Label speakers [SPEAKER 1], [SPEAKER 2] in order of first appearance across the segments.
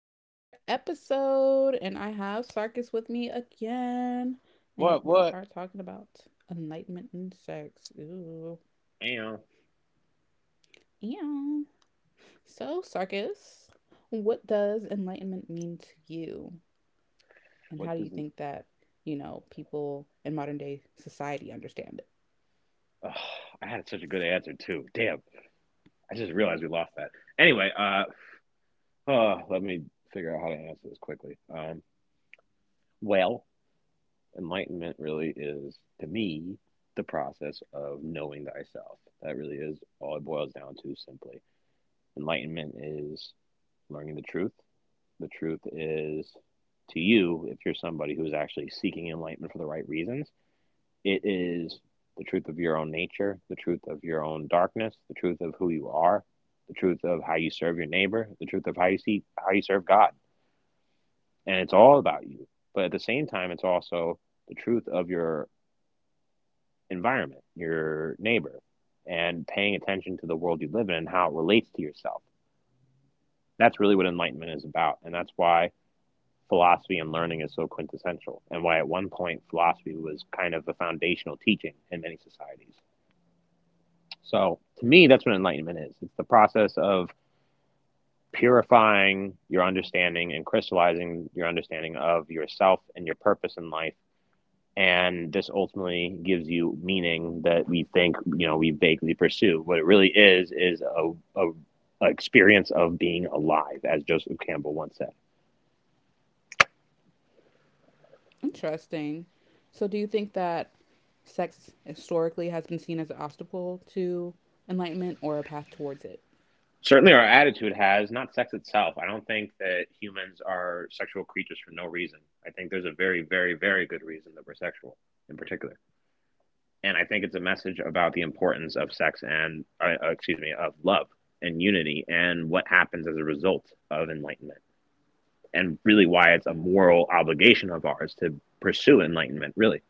[SPEAKER 1] with another episode, and I have Sarkis with me again, and
[SPEAKER 2] What?
[SPEAKER 1] we
[SPEAKER 2] What?
[SPEAKER 1] are talking about enlightenment and sex. Ooh,
[SPEAKER 2] Damn.
[SPEAKER 1] yeah. So Sarkis, what does enlightenment mean to you, and how
[SPEAKER 2] What
[SPEAKER 1] do you
[SPEAKER 2] doesn't?
[SPEAKER 1] think that people in modern day society understand it?
[SPEAKER 2] Oh, I had such a good answer too. Damn. I just realized we lost that. Anyway, oh, let me figure out how to answer this quickly. Well, Enlightenment really is to me the process of knowing thyself. That really is all it boils down to. Simply, enlightenment is learning the truth. The truth is to you if you're somebody who is actually seeking enlightenment for the right reasons. It is the truth of your own nature, the truth of your own darkness, the truth of who you are, the truth of how you serve your neighbor, the truth of how you see how you serve God. And it's all about you. But at the same time, it's also the truth of your environment, your neighbor, and paying attention to the world you live in and how it relates to yourself. That's really what enlightenment is about. And that's why philosophy and learning is so quintessential, and why at one point philosophy was kind of a foundational teaching in many societies. So to me, that's what enlightenment is. It's the process of purifying your understanding and crystallizing your understanding of yourself and your purpose in life. And this ultimately gives you meaning that we think, you know, we vaguely pursue. What it really is a, a experience of being alive, as Joseph Campbell once said.
[SPEAKER 1] Interesting. So, do you think that sex historically has been seen as an obstacle to enlightenment or a path towards it?
[SPEAKER 2] Certainly our attitude has, not sex itself. I don't think that humans are sexual creatures for no reason. I think there's a very, very, very good reason that we're sexual in particular. And I think it's a message about the importance of sex and, excuse me, of love and unity and what happens as a result of enlightenment, and really why it's a moral obligation of ours to pursue enlightenment. Really,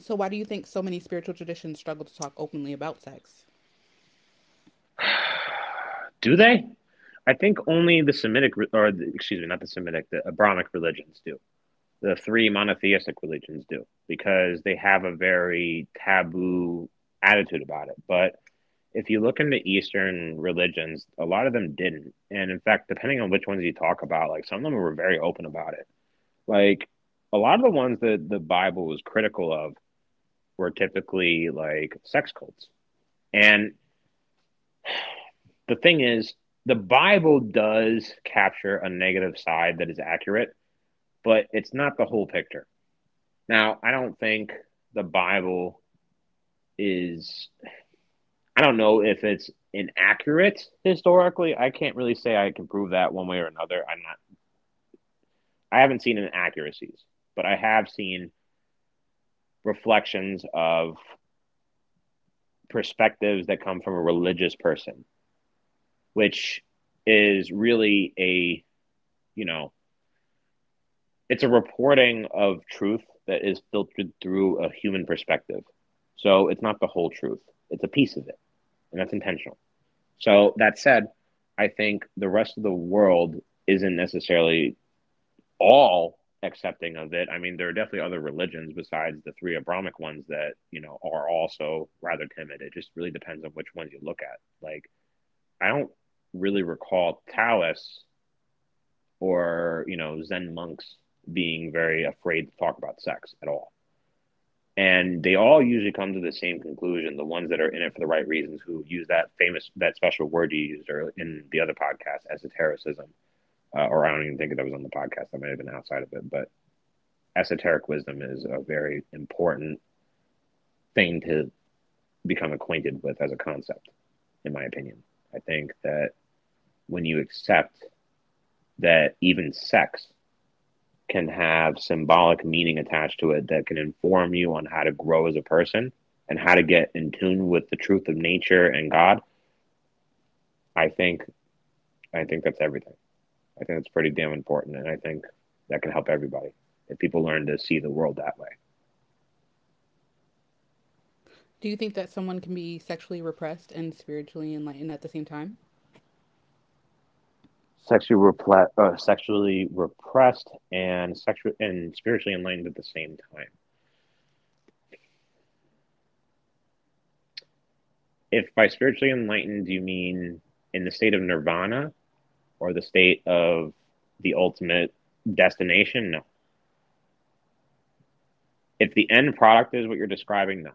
[SPEAKER 1] So, why do you think so many spiritual traditions struggle to talk openly about sex?
[SPEAKER 2] do they? I think only the Semitic, or the, excuse me, not the Semitic, the Abrahamic religions do. The three monotheistic religions do because they have a very taboo attitude about it. But if you look into Eastern religions, a lot of them didn't. And in fact, depending on which ones you talk about, like some of them were very open about it. Like a lot of the ones that the Bible was critical of were typically like sex cults. And the thing is, the Bible does capture a negative side that is accurate, but it's not the whole picture. Now, I don't think the Bible is— I don't know if it's inaccurate historically. I can't really say I can prove that one way or another. I'm not. I haven't seen inaccuracies, but I have seen reflections of perspectives that come from a religious person, which is really a, you know, it's a reporting of truth that is filtered through a human perspective. So it's not the whole truth. It's a piece of it, and that's intentional. So that said, I think the rest of the world isn't necessarily all accepting of it. I mean, there are definitely other religions besides the three Abrahamic ones that, you know, are also rather timid. It just really depends on which ones you look at. Like, I don't really recall Taoists or, you know, Zen monks being very afraid to talk about sex at all. And they all usually come to the same conclusion, the ones that are in it for the right reasons, who use that famous, that special word you used in the other podcast, esotericism. Or I don't even think that was on the podcast. That might have been outside of it. But esoteric wisdom is a very important thing to become acquainted with as a concept, in my opinion. I think that when you accept that even sex can have symbolic meaning attached to it that can inform you on how to grow as a person and how to get in tune with the truth of nature and God, I think I think that's everything. I think that's pretty damn important and I think that can help everybody if people learn to see the world that way.
[SPEAKER 1] Do you think that someone can be sexually repressed and spiritually enlightened at the same time?
[SPEAKER 2] Sexually repressed and sexual and spiritually enlightened at the same time. If by spiritually enlightened you mean in the state of nirvana or the state of the ultimate destination, no. If the end product is what you're describing, no.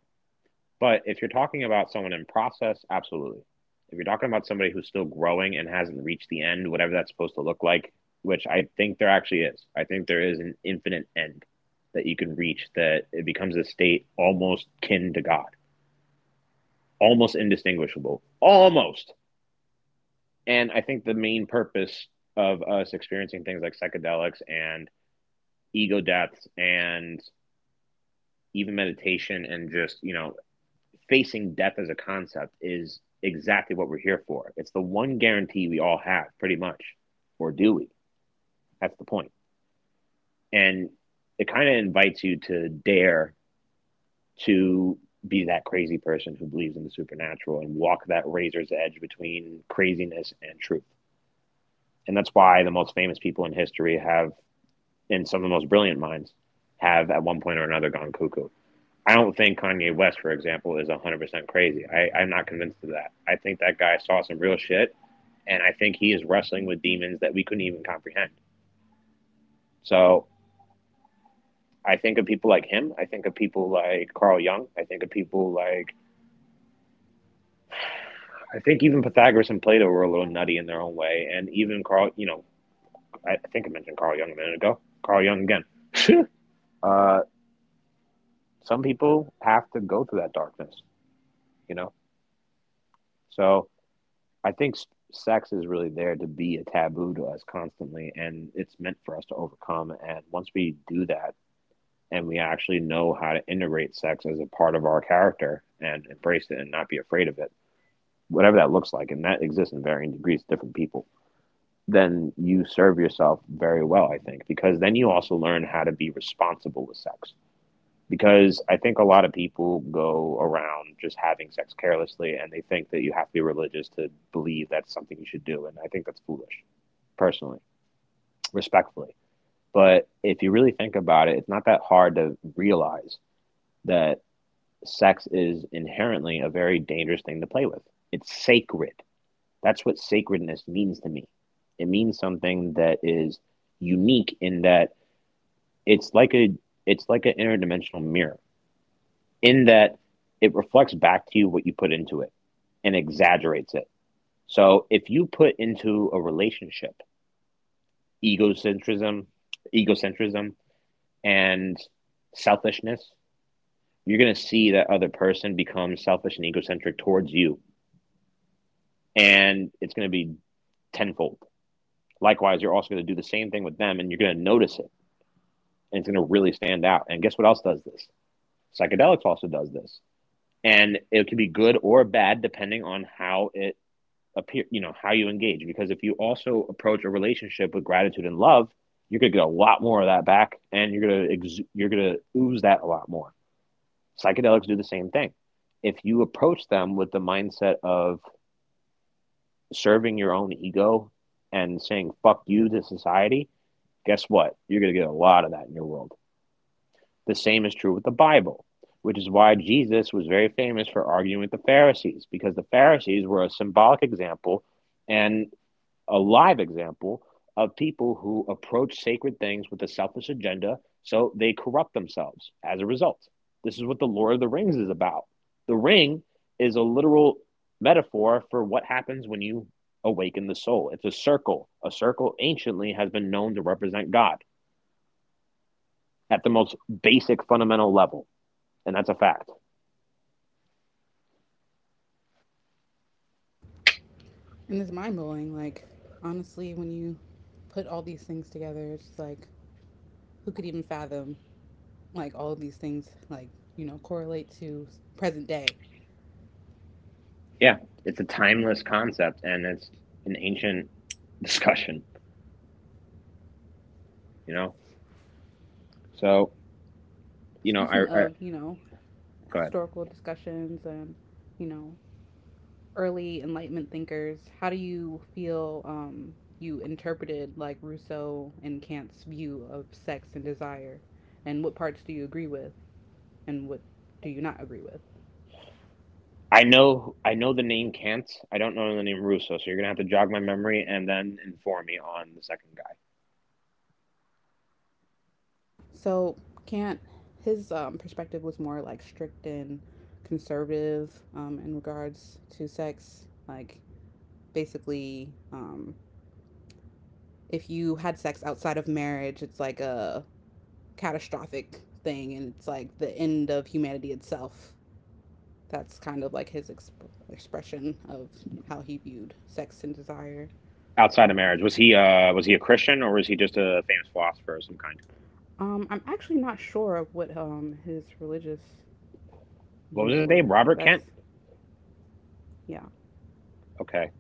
[SPEAKER 2] But if you're talking about someone in process, absolutely. If you're talking about somebody who's still growing and hasn't reached the end, whatever that's supposed to look like, which I think there actually is, I think there is an infinite end that you can reach that it becomes a state almost kin to God, almost indistinguishable, almost. And I think the main purpose of us experiencing things like psychedelics and ego deaths and even meditation and just, you know, facing death as a concept is exactly what we're here for. It's the one guarantee we all have, pretty much. Or do we? That's the point. And it kind of invites you to dare to be that crazy person who believes in the supernatural and walk that razor's edge between craziness and truth. And that's why the most famous people in history have, and some of the most brilliant minds, have at one point or another gone cuckoo. I don't think Kanye West, for example, is 100% crazy. I'm not convinced of that. I think that guy saw some real shit, and I think he is wrestling with demons that we couldn't even comprehend. So I think of people like him. I think of people like Carl Jung. I think of people like, I think even Pythagoras and Plato were a little nutty in their own way. And even Carl, you know, I think I mentioned Carl Jung a minute ago. Carl Jung again. uh, some people have to go through that darkness, you know? So I think s- sex is really there to be a taboo to us constantly, and it's meant for us to overcome. And once we do that, and we actually know how to integrate sex as a part of our character and embrace it and not be afraid of it, whatever that looks like, and that exists in varying degrees, to different people, then you serve yourself very well, I think, because then you also learn how to be responsible with sex because I think a lot of people go around just having sex carelessly and they think that you have to be religious to believe that's something you should do. And I think that's foolish, personally, respectfully. But if you really think about it, it's not that hard to realize that sex is inherently a very dangerous thing to play with. It's sacred. That's what sacredness means to me. It means something that is unique in that it's like a— it's like an interdimensional mirror in that it reflects back to you what you put into it and exaggerates it. So if you put into a relationship egocentrism, egocentrism and selfishness, you're going to see that other person become selfish and egocentric towards you and it's going to be tenfold. Likewise, you're also going to do the same thing with them and you're going to notice it and it's going to really stand out. And guess what else does this? Psychedelics also does this. And it can be good or bad depending on how it appear you know, how you engage, because if you also approach a relationship with gratitude and love, you're going to get a lot more of that back and you're going to ooze that a lot more. Psychedelics do the same thing. If you approach them with the mindset of serving your own ego and saying fuck you to society, guess what, you're going to get a lot of that in your world. The same is true with the Bible, which is why Jesus was very famous for arguing with the Pharisees, because the Pharisees were a symbolic example and a live example of people who approach sacred things with a selfish agenda, so they corrupt themselves as a result. This is what the Lord of the Rings is about. The ring is a literal metaphor for what happens when you awaken the soul. It's a circle. A circle anciently has been known to represent God at the most basic fundamental level, and that's a fact.
[SPEAKER 1] And it's mind blowing. Like, honestly, when you put all these things together, it's just like, who could even fathom, like, all of these things, like, correlate to present day?
[SPEAKER 2] Yeah, it's a timeless concept and it's an ancient discussion, you know. So, you know, I,
[SPEAKER 1] Speaking
[SPEAKER 2] I
[SPEAKER 1] of,
[SPEAKER 2] go ahead.
[SPEAKER 1] historical discussions and, you know, early Enlightenment thinkers, how do you feel you interpreted like Rousseau and Kant's view of sex and desire? And what parts do you agree with and what do you not agree with?
[SPEAKER 2] I know the name Kant. I don't know the name Russo, so you're gonna have to jog my memory and then inform me on the second guy.
[SPEAKER 1] So, Kant, his perspective was more like strict and conservative in regards to sex. Like, basically, if you had sex outside of marriage, it's like a catastrophic thing and it's like the end of humanity itself. That's kind of like his expression of how he viewed sex and desire.
[SPEAKER 2] Outside of
[SPEAKER 1] Um,
[SPEAKER 2] marriage, was he a Christian or was he just a famous philosopher of some kind?
[SPEAKER 1] I'm actually not sure of what his religious
[SPEAKER 2] What was
[SPEAKER 1] views
[SPEAKER 2] his name?
[SPEAKER 1] were.
[SPEAKER 2] Robert Kent?
[SPEAKER 1] That's, yeah.
[SPEAKER 2] Okay.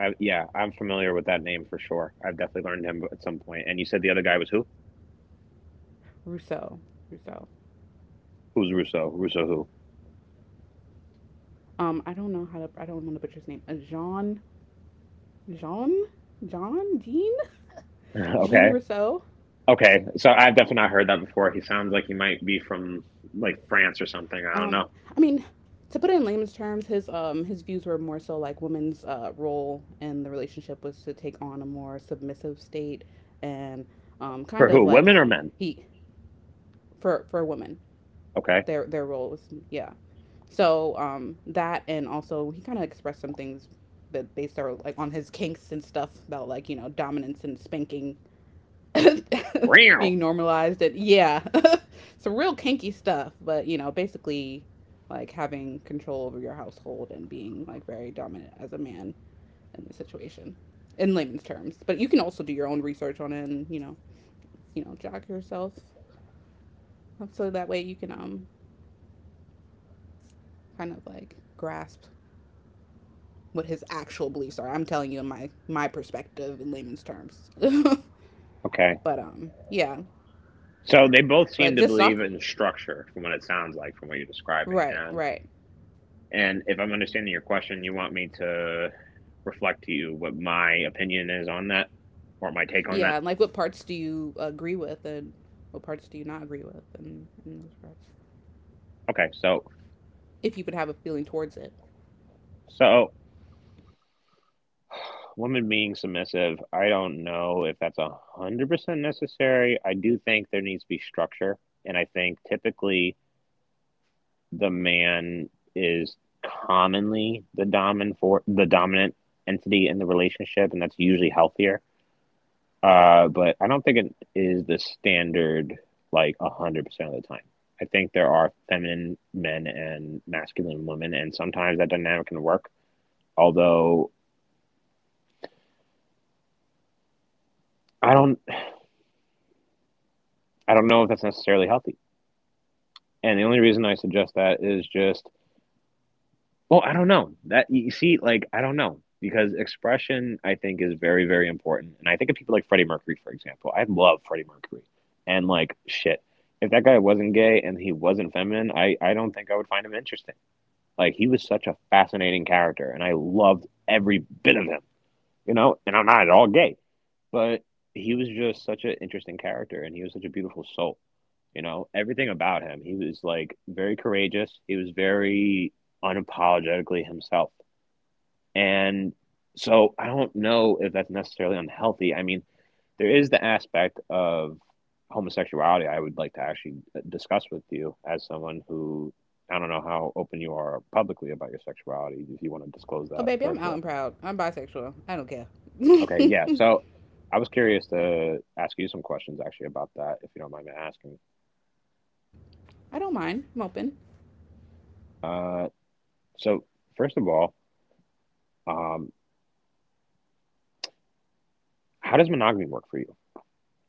[SPEAKER 2] Yeah, I'm familiar with that name for sure. I've definitely learned him at some point. And you said the other guy was who?
[SPEAKER 1] Rousseau. Rousseau.
[SPEAKER 2] Who's Russo? Russo who?
[SPEAKER 1] I don't know how to. I don't want to butcher his name. Jean. Jean. John. Jean. Jean
[SPEAKER 2] Okay.
[SPEAKER 1] Rousseau.
[SPEAKER 2] Okay. So I've definitely not heard that before. He sounds like he might be from like France or something. I don't
[SPEAKER 1] Um,
[SPEAKER 2] know.
[SPEAKER 1] I mean, to put it in layman's terms, his views were more so like women's role in the relationship was to take on a more submissive state, and kind
[SPEAKER 2] For
[SPEAKER 1] of
[SPEAKER 2] who? Women
[SPEAKER 1] like
[SPEAKER 2] or men?
[SPEAKER 1] he for women,
[SPEAKER 2] Okay.
[SPEAKER 1] their role was, yeah. So that, and also, he kind of expressed some things that based are like on his kinks and stuff about like dominance and spanking
[SPEAKER 2] Real.
[SPEAKER 1] being normalized, and yeah. Some real kinky stuff, but basically, like having control over your household and being like very dominant as a man in the situation, in layman's terms. But you can also do your own research on it, and jog yourself up so that way you can kind of like grasp what his actual beliefs are. I'm telling you in my perspective in layman's terms.
[SPEAKER 2] Okay.
[SPEAKER 1] But yeah.
[SPEAKER 2] So they both
[SPEAKER 1] but
[SPEAKER 2] seem to
[SPEAKER 1] just
[SPEAKER 2] believe
[SPEAKER 1] off
[SPEAKER 2] in structure, from what it sounds like, from what you're describing.
[SPEAKER 1] Right,
[SPEAKER 2] And
[SPEAKER 1] right.
[SPEAKER 2] and if I'm understanding your question, you want me to reflect to you what my opinion is on that, or my take on
[SPEAKER 1] Yeah,
[SPEAKER 2] that.
[SPEAKER 1] and like what parts do you agree with and what parts do you not agree with, and those parts.
[SPEAKER 2] Okay, so
[SPEAKER 1] If you would have a feeling towards it.
[SPEAKER 2] so women being submissive, I don't know if that's 100% necessary. I do think there needs to be structure, and I think typically the man is commonly the dominant entity in the relationship, and that's usually healthier. But I don't think it is the standard like 100% of the time. I think there are feminine men and masculine women, and sometimes that dynamic can work. Although I don't, I don't know if that's necessarily healthy. And the only reason I suggest that is just, well, I don't know that you see, like I don't know because expression I think is very, very important. And I think of people like Freddie Mercury, for example. I love Freddie Mercury, and like shit, if that guy wasn't gay and he wasn't feminine, I don't think I would find him interesting. Like he was such a fascinating character, and I loved every bit of him. You know, and I'm not at all gay, but he was just such an interesting character, and he was such a beautiful soul. You know, everything about him. He was like very courageous. He was very unapologetically himself, and so I don't know if that's necessarily unhealthy. I mean, there is the aspect of homosexuality I would like to actually discuss with you as someone who I don't know how open you are publicly about your sexuality, if you want to disclose
[SPEAKER 1] Oh
[SPEAKER 2] that,
[SPEAKER 1] baby, I'm
[SPEAKER 2] first of
[SPEAKER 1] out and
[SPEAKER 2] all.
[SPEAKER 1] proud. I'm bisexual. I don't care.
[SPEAKER 2] Okay, yeah. So I was curious to ask you some questions actually about that, if you don't mind me asking.
[SPEAKER 1] I don't mind. I'm open.
[SPEAKER 2] Uh, so, first of all, um, how does monogamy work for you?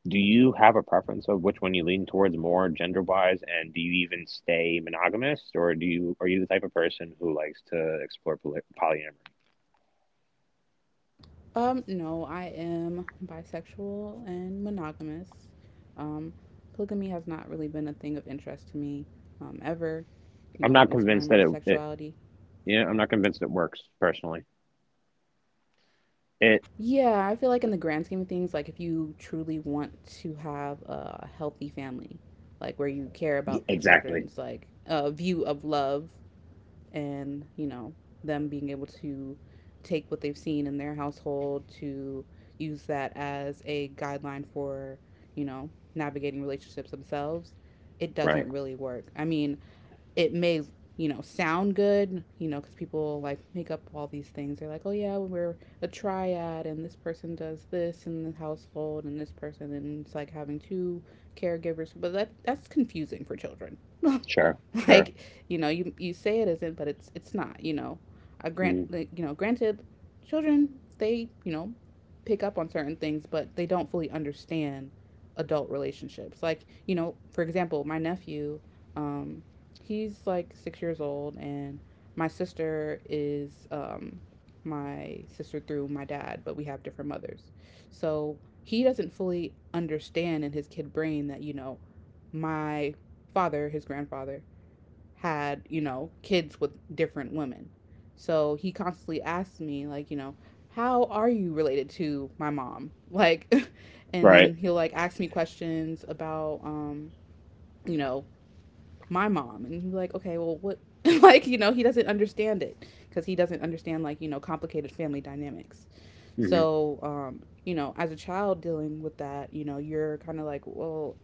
[SPEAKER 2] Do you have a preference of which one you lean towards more gender-wise, and do you even stay monogamous, or do you are you the type of person who likes to explore polyamory?
[SPEAKER 1] No, I am bisexual and monogamous. Um, Polygamy has not really been a thing of interest to me ever.
[SPEAKER 2] I'm not
[SPEAKER 1] Exploring
[SPEAKER 2] convinced that
[SPEAKER 1] my
[SPEAKER 2] it.
[SPEAKER 1] sexuality.
[SPEAKER 2] Yeah, I'm not convinced it works personally. It
[SPEAKER 1] Yeah, I feel like in the grand scheme of things, like if you truly want to have a healthy family, like where you care about the
[SPEAKER 2] exactly.
[SPEAKER 1] children's like view of love, and them being able to take what they've seen in their household to use that as a guideline for you know navigating relationships themselves, it
[SPEAKER 2] Right.
[SPEAKER 1] doesn't really work. I mean, it may sound good because people like make up all these things. They're like, oh yeah, we're a triad, and this person does this in the household and this person, and it's like having two caregivers, but that's confusing for children.
[SPEAKER 2] Sure, sure.
[SPEAKER 1] Like, you say it isn't, but it's not, I grant,
[SPEAKER 2] Hmm.
[SPEAKER 1] like, granted, children, they pick up on certain things, but they don't fully understand adult relationships, like for example, my nephew, um he's like 6 years old, and my sister is my sister through my dad, but we have different mothers. So he doesn't fully understand in his kid brain that, my father, his grandfather, had, kids with different women. So he constantly asks me, like, how are you related to my mom? Like, and then
[SPEAKER 2] Right.
[SPEAKER 1] he'll like ask me questions about, you know, my mom, and he'd be like, okay, well, what? Like, he doesn't understand it because he doesn't understand like complicated family dynamics.
[SPEAKER 2] Hmm.
[SPEAKER 1] So as a child dealing with that, you're kind of like, well,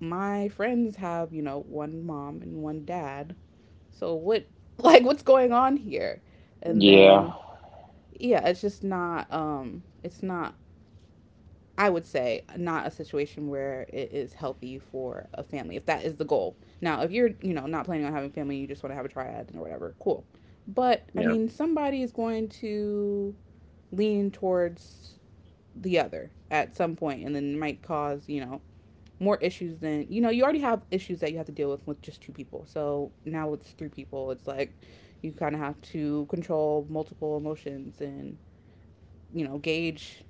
[SPEAKER 1] my friends have, one mom and one dad, so what? Like, what's going on here? And then,
[SPEAKER 2] Yeah.
[SPEAKER 1] yeah, it's just not, it's not, I would say, not a situation where it is healthy for a family if that is the goal. Now, if you're, not planning on having family, you just want to have a triad or whatever, cool. But I
[SPEAKER 2] Yeah.
[SPEAKER 1] mean, somebody is going to lean towards the other at some point, and then it might cause, more issues than, you already have issues that you have to deal with just two people. So now it's three people. It's like you kind of have to control multiple emotions and, gauge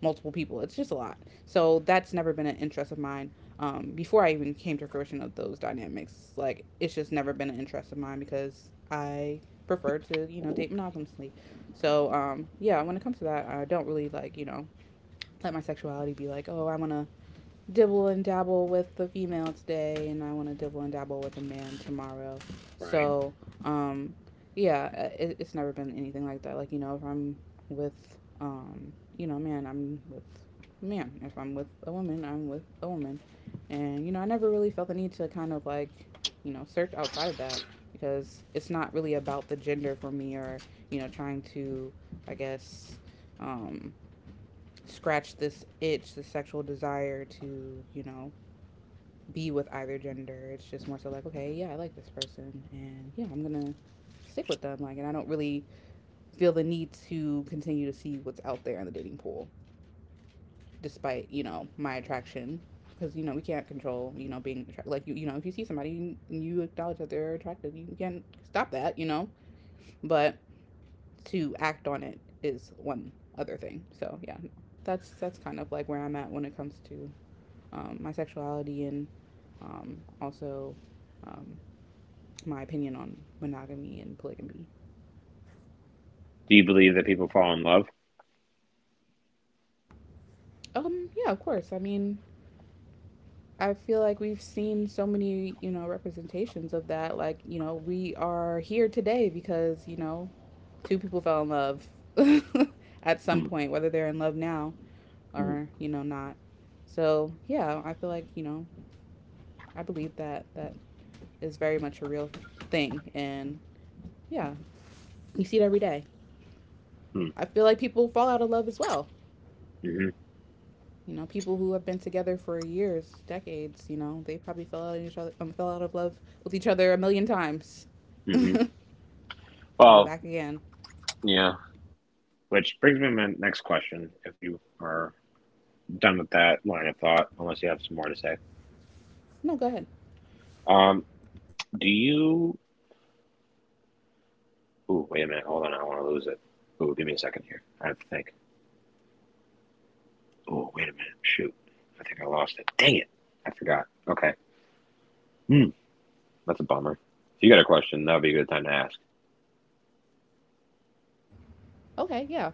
[SPEAKER 1] multiple people. It's just a lot. So that's never been an interest of mine. Before I even came to fruition of those dynamics, like, it's just never been an interest of mine because I prefer to date monogamously. So yeah, when it comes to that, I don't really like, let my sexuality be like, oh, I want to dibble and dabble with the female today and I want to dibble and dabble with a man tomorrow.
[SPEAKER 2] Right.
[SPEAKER 1] So, um, yeah, it's never been anything like that. Like, if I'm with, man, I'm with a man. If I'm with a woman, I'm with a woman. And, I never really felt the need to kind of like, search outside of that because it's not really about the gender for me, or, trying to, I guess, um, scratch this itch, the sexual desire to, be with either gender. It's just more so like, okay, yeah, I like this person and, yeah, I'm gonna stick with them. Like, and I don't really feel the need to continue to see what's out there in the dating pool, despite, my attraction. Because, we can't control, being attracted, like, if you see somebody and you acknowledge that they're attractive, you can't stop that, but to act on it is one other thing, so yeah. That's kind of like where I'm at when it comes to my sexuality, and also um, my opinion on monogamy and polygamy.
[SPEAKER 2] Do you believe that people fall in love?
[SPEAKER 1] Yeah, of course. I mean, I feel like we've seen so many, representations of that. Like, we are here today because, two people fell in love at some
[SPEAKER 2] Hmm.
[SPEAKER 1] point, whether they're in love now
[SPEAKER 2] Hmm.
[SPEAKER 1] or, not. So, yeah, I feel like, I believe that that is very much a real thing. And yeah, you see it every day.
[SPEAKER 2] Hmm.
[SPEAKER 1] I feel like people fall out of love as well.
[SPEAKER 2] Hmm.
[SPEAKER 1] People who have been together for years, decades. They probably fell out of each other, fell out of love with each other a million times,
[SPEAKER 2] Hmm.
[SPEAKER 1] and
[SPEAKER 2] Well,
[SPEAKER 1] back again.
[SPEAKER 2] yeah. Which brings me to my next question, if you are done with that line of thought, unless you have some more to say.
[SPEAKER 1] No, go ahead.
[SPEAKER 2] Um, do you? Ooh, wait a minute. Hold on. I don't want to lose it. Ooh, give me a second here. I have to think. Ooh, wait a minute. Shoot. I think I lost it. Dang it. I forgot. Okay. Hmm. That's a bummer. If you got a question, that would be a good time to ask.
[SPEAKER 1] Okay, yeah,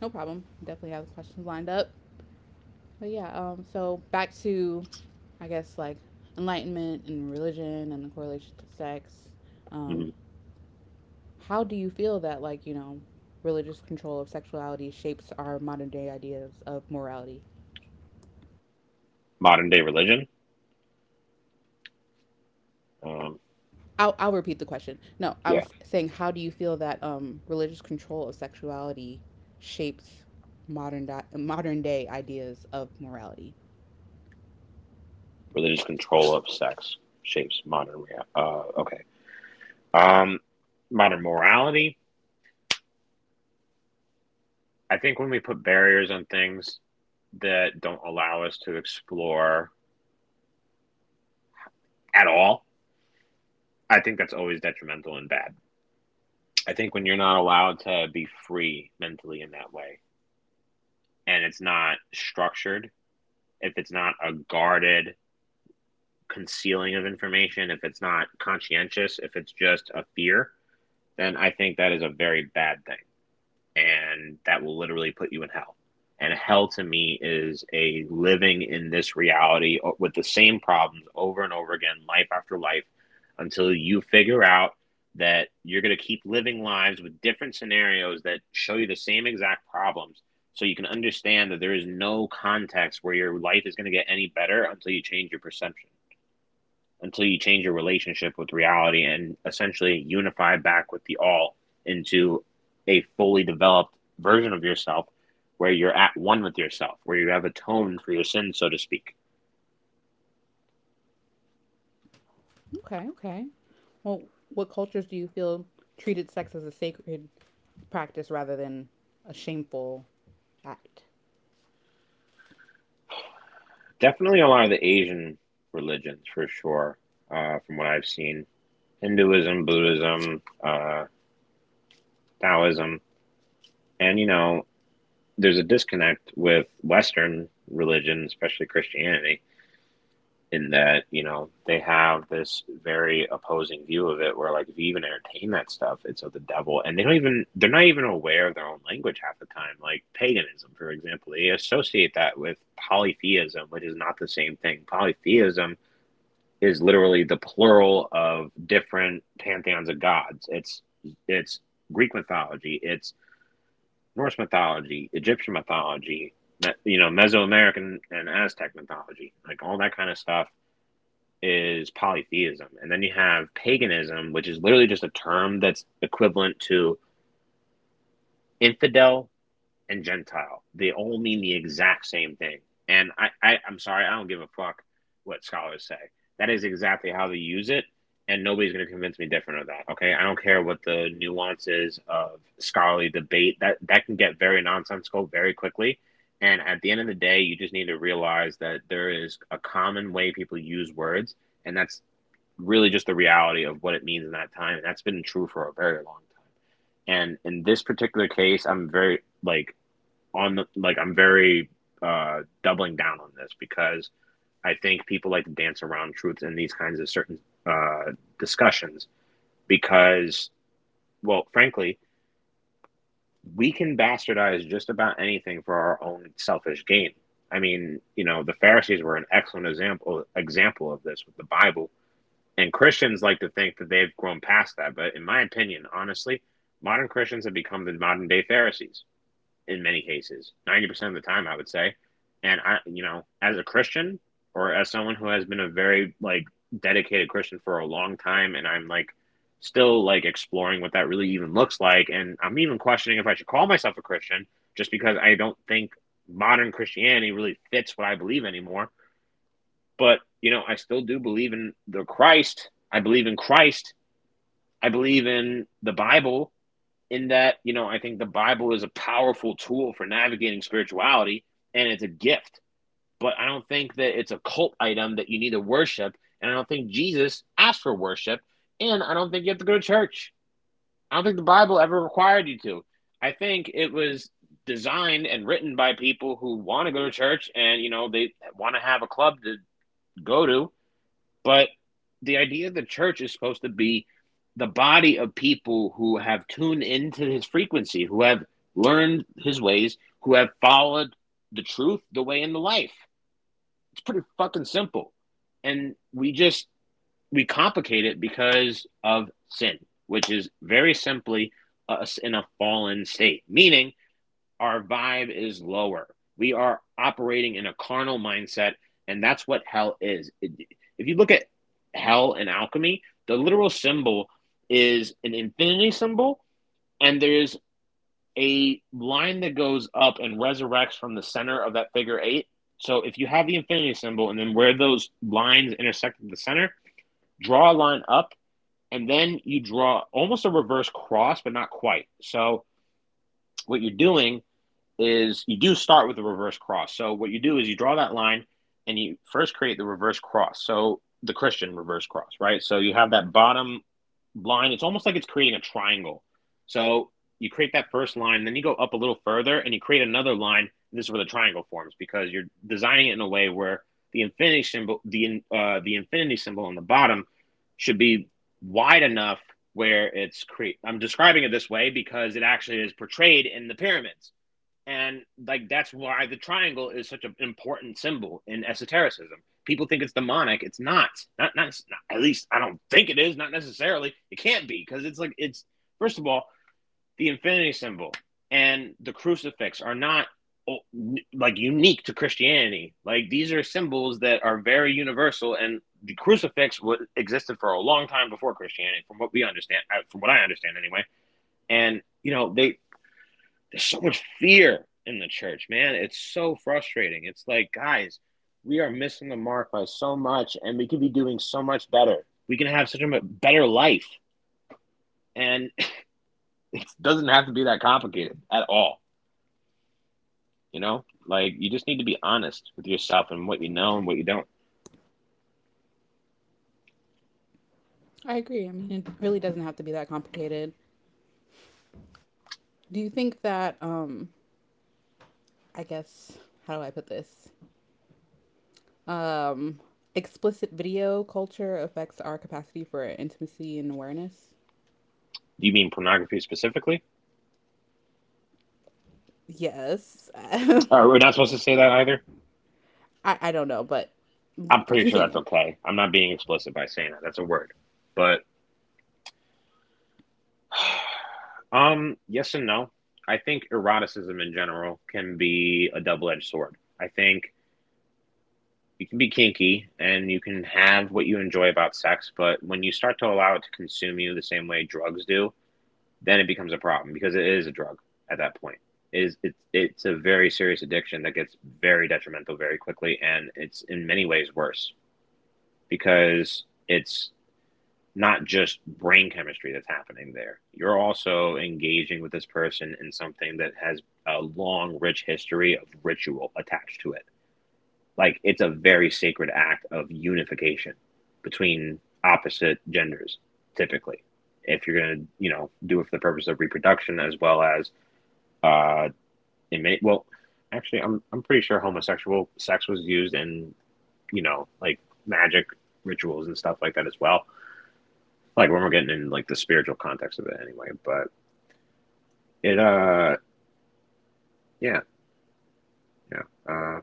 [SPEAKER 1] no problem. Definitely have the questions lined up. But yeah, so back to, I guess, like, enlightenment and religion and the correlation to sex. Um,
[SPEAKER 2] Hmm.
[SPEAKER 1] how do you feel that like religious control of sexuality shapes our modern day ideas of morality?
[SPEAKER 2] Modern day religion? Um,
[SPEAKER 1] I'll repeat the question. No, I
[SPEAKER 2] yeah.
[SPEAKER 1] was saying, how do you feel that religious control of sexuality shapes modern day ideas of morality?
[SPEAKER 2] Religious control of sex shapes modern okay. Um, Modern morality? I think when we put barriers on things that don't allow us to explore at all, I think that's always detrimental and bad. I think when you're not allowed to be free mentally in that way and it's not structured, if it's not a guarded concealing of information, if it's not conscientious, if it's just a fear, then I think that is a very bad thing, and that will literally put you in hell. And hell to me is a living in this reality with the same problems over and over again, life after life, until you figure out that you're going to keep living lives with different scenarios that show you the same exact problems. So you can understand that there is no context where your life is going to get any better until you change your perception, until you change your relationship with reality and essentially unify back with the all into a fully developed version of yourself, where you're at one with yourself, where you have atoned for your sins, so to speak.
[SPEAKER 1] Okay, okay. Well, what cultures do you feel treated sex as a sacred practice rather than a shameful act?
[SPEAKER 2] Definitely a lot of the Asian religions, for sure, from what I've seen Hinduism, Buddhism, Taoism. And, you know, there's a disconnect with Western religion, especially Christianity, in that, you know, they have this very opposing view of it, where like if you even entertain that stuff it's of the devil, and they're not even aware of their own language half the time, like paganism, for example. They associate that with polytheism, which is not the same thing. Polytheism is literally the plural of different pantheons of gods. It's Greek mythology, it's Norse mythology, Egyptian mythology, you know, Mesoamerican and Aztec mythology, like all that kind of stuff is polytheism. And then you have paganism, which is literally just a term that's equivalent to infidel and Gentile. They all mean the exact same thing. And I'm sorry, I don't give a fuck what scholars say. That is exactly how they use it. And nobody's going to convince me different of that. Okay. I don't care what the nuances of scholarly debate, that can get very nonsensical very quickly. And at the end of the day, you just need to realize that there is a common way people use words, and that's really just the reality of what it means in that time, and that's been true for a very long time. And in this particular case, I'm very, like, on the, like I'm very doubling down on this because I think people like to dance around truths in these kinds of certain uh, discussions because, well, frankly, we can bastardize just about anything for our own selfish gain. I mean, you know, the Pharisees were an excellent example of this with the Bible. And Christians like to think that they've grown past that, but in my opinion, honestly, modern Christians have become the modern day Pharisees, in many cases 90% of the time, I would say. And I, you know, as a Christian, or as someone who has been a very like dedicated Christian for a long time, and I'm like still like exploring what that really even looks like, and I'm even questioning if I should call myself a Christian, just because I don't think modern Christianity really fits what I believe anymore. But, you know, I still do believe in the Christ. I believe in Christ. I believe in the Bible, in that, you know, I think the Bible is a powerful tool for navigating spirituality, and it's a gift. But I don't think that it's a cult item that you need to worship. And I don't think Jesus asked for worship. And I don't think you have to go to church. I don't think the Bible ever required you to. I think it was designed and written by people who want to go to church and, you know, they want to have a club to go to. But the idea of the church is supposed to be the body of people who have tuned into his frequency, who have learned his ways, who have followed the truth, the way, and the life. It's pretty fucking simple. And we complicate it because of sin, which is very simply us in a fallen state. Meaning, our vibe is lower. We are operating in a carnal mindset, and that's what hell is. If you look at hell and alchemy, the literal symbol is an infinity symbol, and there's a line that goes up and resurrects from the center of that figure eight. So if you have the infinity symbol and then where those lines intersect at the center, draw a line up, and then you draw almost a reverse cross, but not quite. So what you're doing is you do start with a reverse cross. So what you do is you draw that line and you first create the reverse cross. So the Christian reverse cross, right? So you have that bottom line. It's almost like it's creating a triangle. So you create that first line, then you go up a little further and you create another line. This is where the triangle forms because you're designing it in a way where the infinity symbol, the infinity symbol on the bottom, should be wide enough where it's create. I'm describing it this way because it actually is portrayed in the pyramids, and like that's why the triangle is such an important symbol in esotericism. People think it's demonic. It's not. Not at least I don't think it is, not necessarily. It can't be because it's first of all, the infinity symbol and the crucifix are not oh, like unique to Christianity. Like these are symbols that are very universal, and the crucifix existed for a long time before Christianity from what we understand, from what I understand anyway. And you know, they there's so much fear in the church, man. It's so frustrating. It's like, guys, we are missing the mark by so much, and we could be doing so much better. We can have such a better life, and it doesn't have to be that complicated at all. You know, like you just need to be honest with yourself and what you know and what you don't.
[SPEAKER 1] I agree. I mean, it really doesn't have to be that complicated. Do you think that, I guess, how do I put this? Um, Explicit video culture affects our capacity for intimacy and awareness.
[SPEAKER 2] Do you mean pornography specifically?
[SPEAKER 1] Yes. I,
[SPEAKER 2] Or we're not supposed to say that either.
[SPEAKER 1] I don't know, but
[SPEAKER 2] I'm pretty sure that's
[SPEAKER 1] continue.
[SPEAKER 2] okay. I'm not being explicit by saying that. That's a word, but yes and no. I think eroticism in general can be a double-edged sword. I think you can be kinky and you can have what you enjoy about sex, but when you start to allow it to consume you the same way drugs do, then it becomes a problem because it is a drug at that point. It is it's a very serious addiction that gets very detrimental very quickly, and it's in many ways worse because it's not just brain chemistry that's happening there. You're also engaging with this person in something that has a long, rich history of ritual attached to it. Like it's a very sacred act of unification between opposite genders, typically. If you're gonna, you know, do it for the purpose of reproduction as well as uh, in well, actually, I'm pretty sure homosexual sex was used in, you know, like magic rituals and stuff like that as well, like when we're getting in like the spiritual context of it anyway. But it, yeah, yeah. Uh,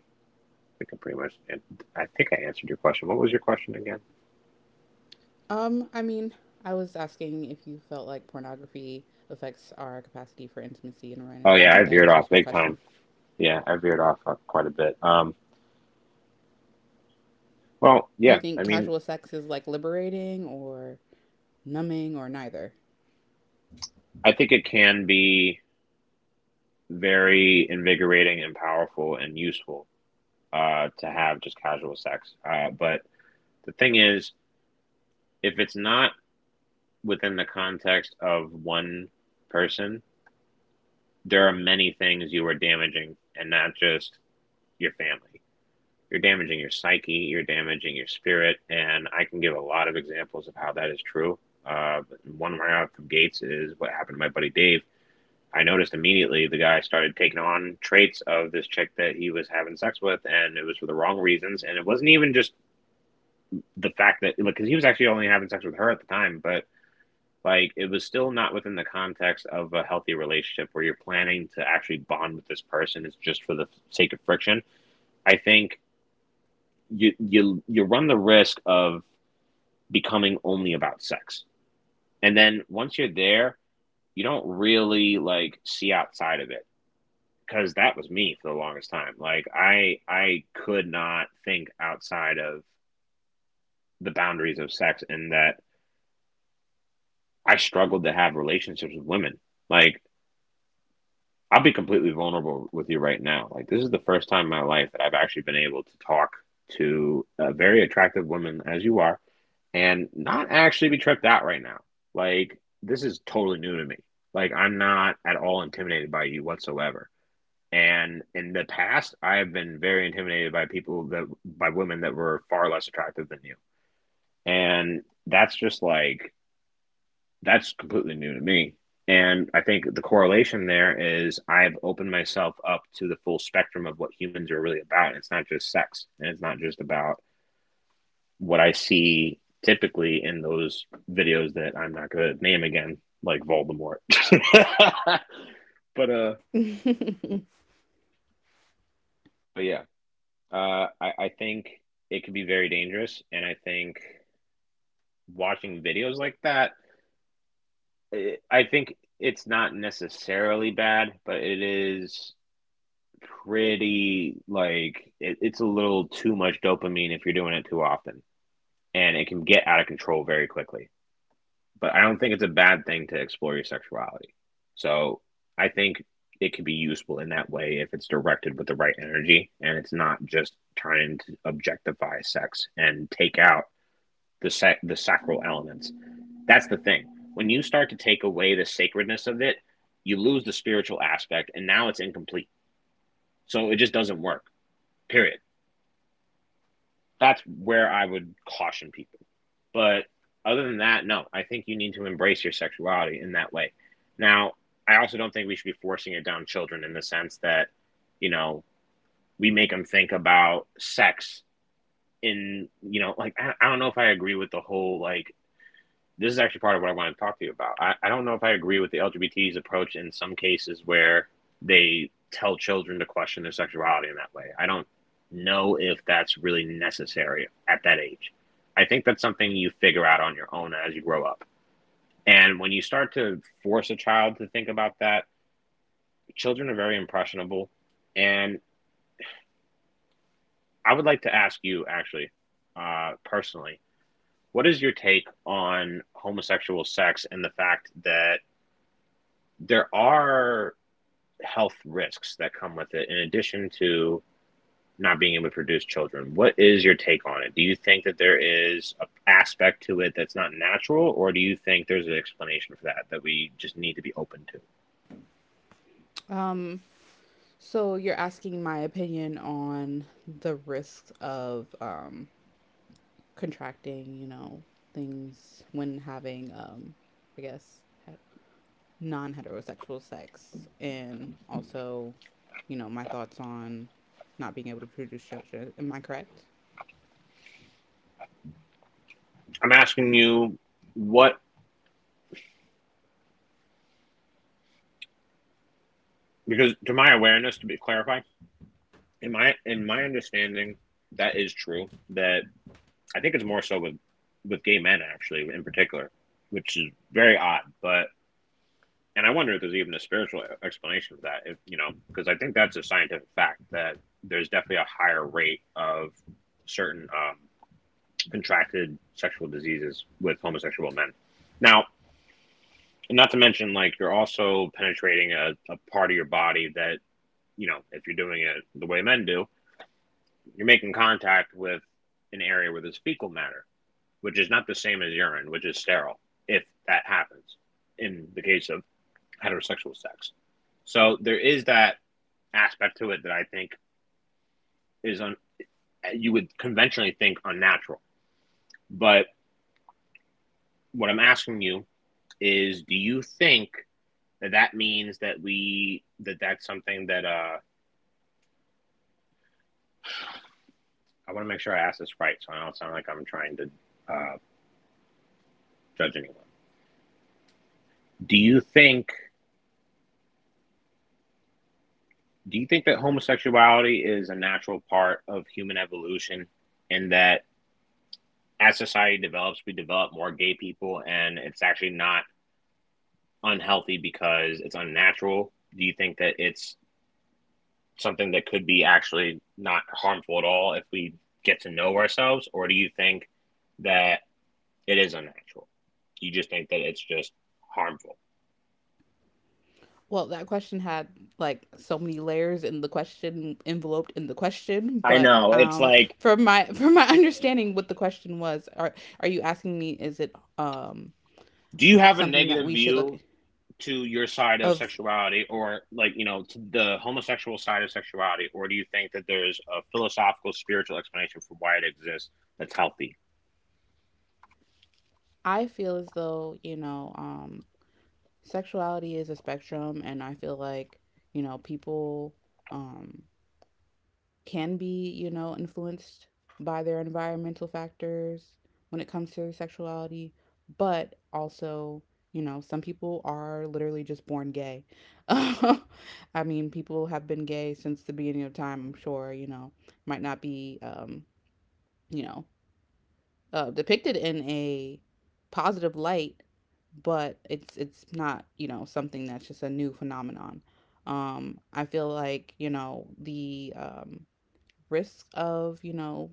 [SPEAKER 2] I think I pretty much, I think I answered your question. What was your question again?
[SPEAKER 1] I mean, I was asking if you felt like pornography affects our capacity for intimacy and awareness,
[SPEAKER 2] Oh
[SPEAKER 1] but I
[SPEAKER 2] yeah, I
[SPEAKER 1] think that
[SPEAKER 2] veered off
[SPEAKER 1] answers my
[SPEAKER 2] big time.
[SPEAKER 1] question.
[SPEAKER 2] Yeah, I veered off quite a bit. Well,
[SPEAKER 1] Do you
[SPEAKER 2] yeah, I
[SPEAKER 1] think
[SPEAKER 2] mean,
[SPEAKER 1] casual sex is like liberating or numbing or neither?
[SPEAKER 2] I think it can be very invigorating and powerful and useful to have just casual sex. But the thing is, if it's not within the context of one person, there are many things you are damaging, and not just your family. You're damaging your psyche, you're damaging your spirit, and I can give a lot of examples of how that is true. Uh, one right out from Gates is what happened to my buddy Dave. I noticed immediately the guy started taking on traits of this chick that he was having sex with, and it was for the wrong reasons. And it wasn't even just the fact that, look, because he was actually only having sex with her at the time, but like it was still not within the context of a healthy relationship where you're planning to actually bond with this person. It's just for the sake of friction. I think you run the risk of becoming only about sex, and then once you're there, you don't really like see outside of it, because that was me for the longest time. Like I could not think outside of the boundaries of sex, and that I struggled to have relationships with women. Like I'll be completely vulnerable with you right now. Like this is the first time in my life that I've actually been able to talk to a very attractive woman as you are and not actually be tripped out right now. Like this is totally new to me. Like I'm not at all intimidated by you whatsoever. And in the past, I have been very intimidated by people that, by women that were far less attractive than you. And that's just like that's completely new to me. And I think the correlation there is I've opened myself up to the full spectrum of what humans are really about. And it's not just sex, and it's not just about what I see typically in those videos that I'm not going to name again, like Voldemort. But yeah, I think it can be very dangerous, and I think watching videos like that, eh, I think it's not necessarily bad, but it is pretty like it's a little too much dopamine if you're doing it too often, and it can get out of control very quickly. But I don't think it's a bad thing to explore your sexuality. So I think it could be useful in that way if it's directed with the right energy and it's not just trying to objectify sex and take out the sacral elements. That's the thing. When you start to take away the sacredness of it, you lose the spiritual aspect, and now it's incomplete. So it just doesn't work. Period. That's where I would caution people. But other than that, no, I think you need to embrace your sexuality in that way. Now, I also don't think we should be forcing it down children in the sense that, you know, we make them think about sex in, you know, like I don't know if I agree with the whole like this is actually part of what I want to talk to you about. I don't know if I agree with the LGBT's approach in some cases where they tell children to question their sexuality in that way. I don't know if that's really necessary at that age. I think that's something you figure out on your own as you grow up. And when you start to force a child to think about that, children are very impressionable. And I would like to ask you, actually, personally, what is your take on homosexual sex and the fact that there are health risks that come with it in addition to not being able to produce children? What is your take on it? Do you think that there is an aspect to it that's not natural, or do you think there's an explanation for that that we just need to be open to?
[SPEAKER 1] um, so you're asking my opinion on the risks of contracting, things when having, I guess, non heterosexual sex, and also, my thoughts on not being able to produce children. Am I correct?
[SPEAKER 2] I'm asking you what, because to my awareness, to be clarify, in my understanding, that is true. That I think it's more so with gay men actually in particular, which is very odd, but and I wonder if there's even a spiritual explanation for that. If you know, because I think that's a scientific fact that there's definitely a higher rate of certain contracted sexual diseases with homosexual men. Now, not to mention, like you're also penetrating a part of your body that, you know, if you're doing it the way men do, you're making contact with an area where there's fecal matter, which is not the same as urine, which is sterile. If that happens in the case of heterosexual sex, so there is that aspect to it that I think is un- you would conventionally think unnatural. But what I'm asking you is, do you think that that means that we that that's something that I want to make sure I ask this right, so I don't sound like I'm trying to uh, judge anyone. Do you think that homosexuality is a natural part of human evolution, and that as society develops, we develop more gay people, and it's actually not unhealthy because it's unnatural? Do you think that it's something that could be actually not harmful at all if we get to know ourselves, or do you think that it is unnatural? You just think that it's just harmful.
[SPEAKER 1] Well, that question had like so many layers in the question enveloped in the question,
[SPEAKER 2] I
[SPEAKER 1] but
[SPEAKER 2] know. It's
[SPEAKER 1] um,
[SPEAKER 2] like,
[SPEAKER 1] from my from my understanding, what the question was, are you asking me? Is it
[SPEAKER 2] do you have a
[SPEAKER 1] something that
[SPEAKER 2] negative
[SPEAKER 1] we should look
[SPEAKER 2] view to your side of
[SPEAKER 1] of?
[SPEAKER 2] sexuality or, like, you know, to the homosexual side of sexuality, or do you think that there's a philosophical, spiritual explanation for why it exists that's healthy?
[SPEAKER 1] I feel as though you know sexuality is a spectrum, and I feel like you know people um can be, you know, influenced by their environmental factors when it comes to sexuality, but also you know some people are literally just born gay. I mean, people have been gay since the beginning of time, I'm sure. You know, might not be you know depicted in a positive light, but it's not, you know, something that's just a new phenomenon. I feel like you know the risk of you know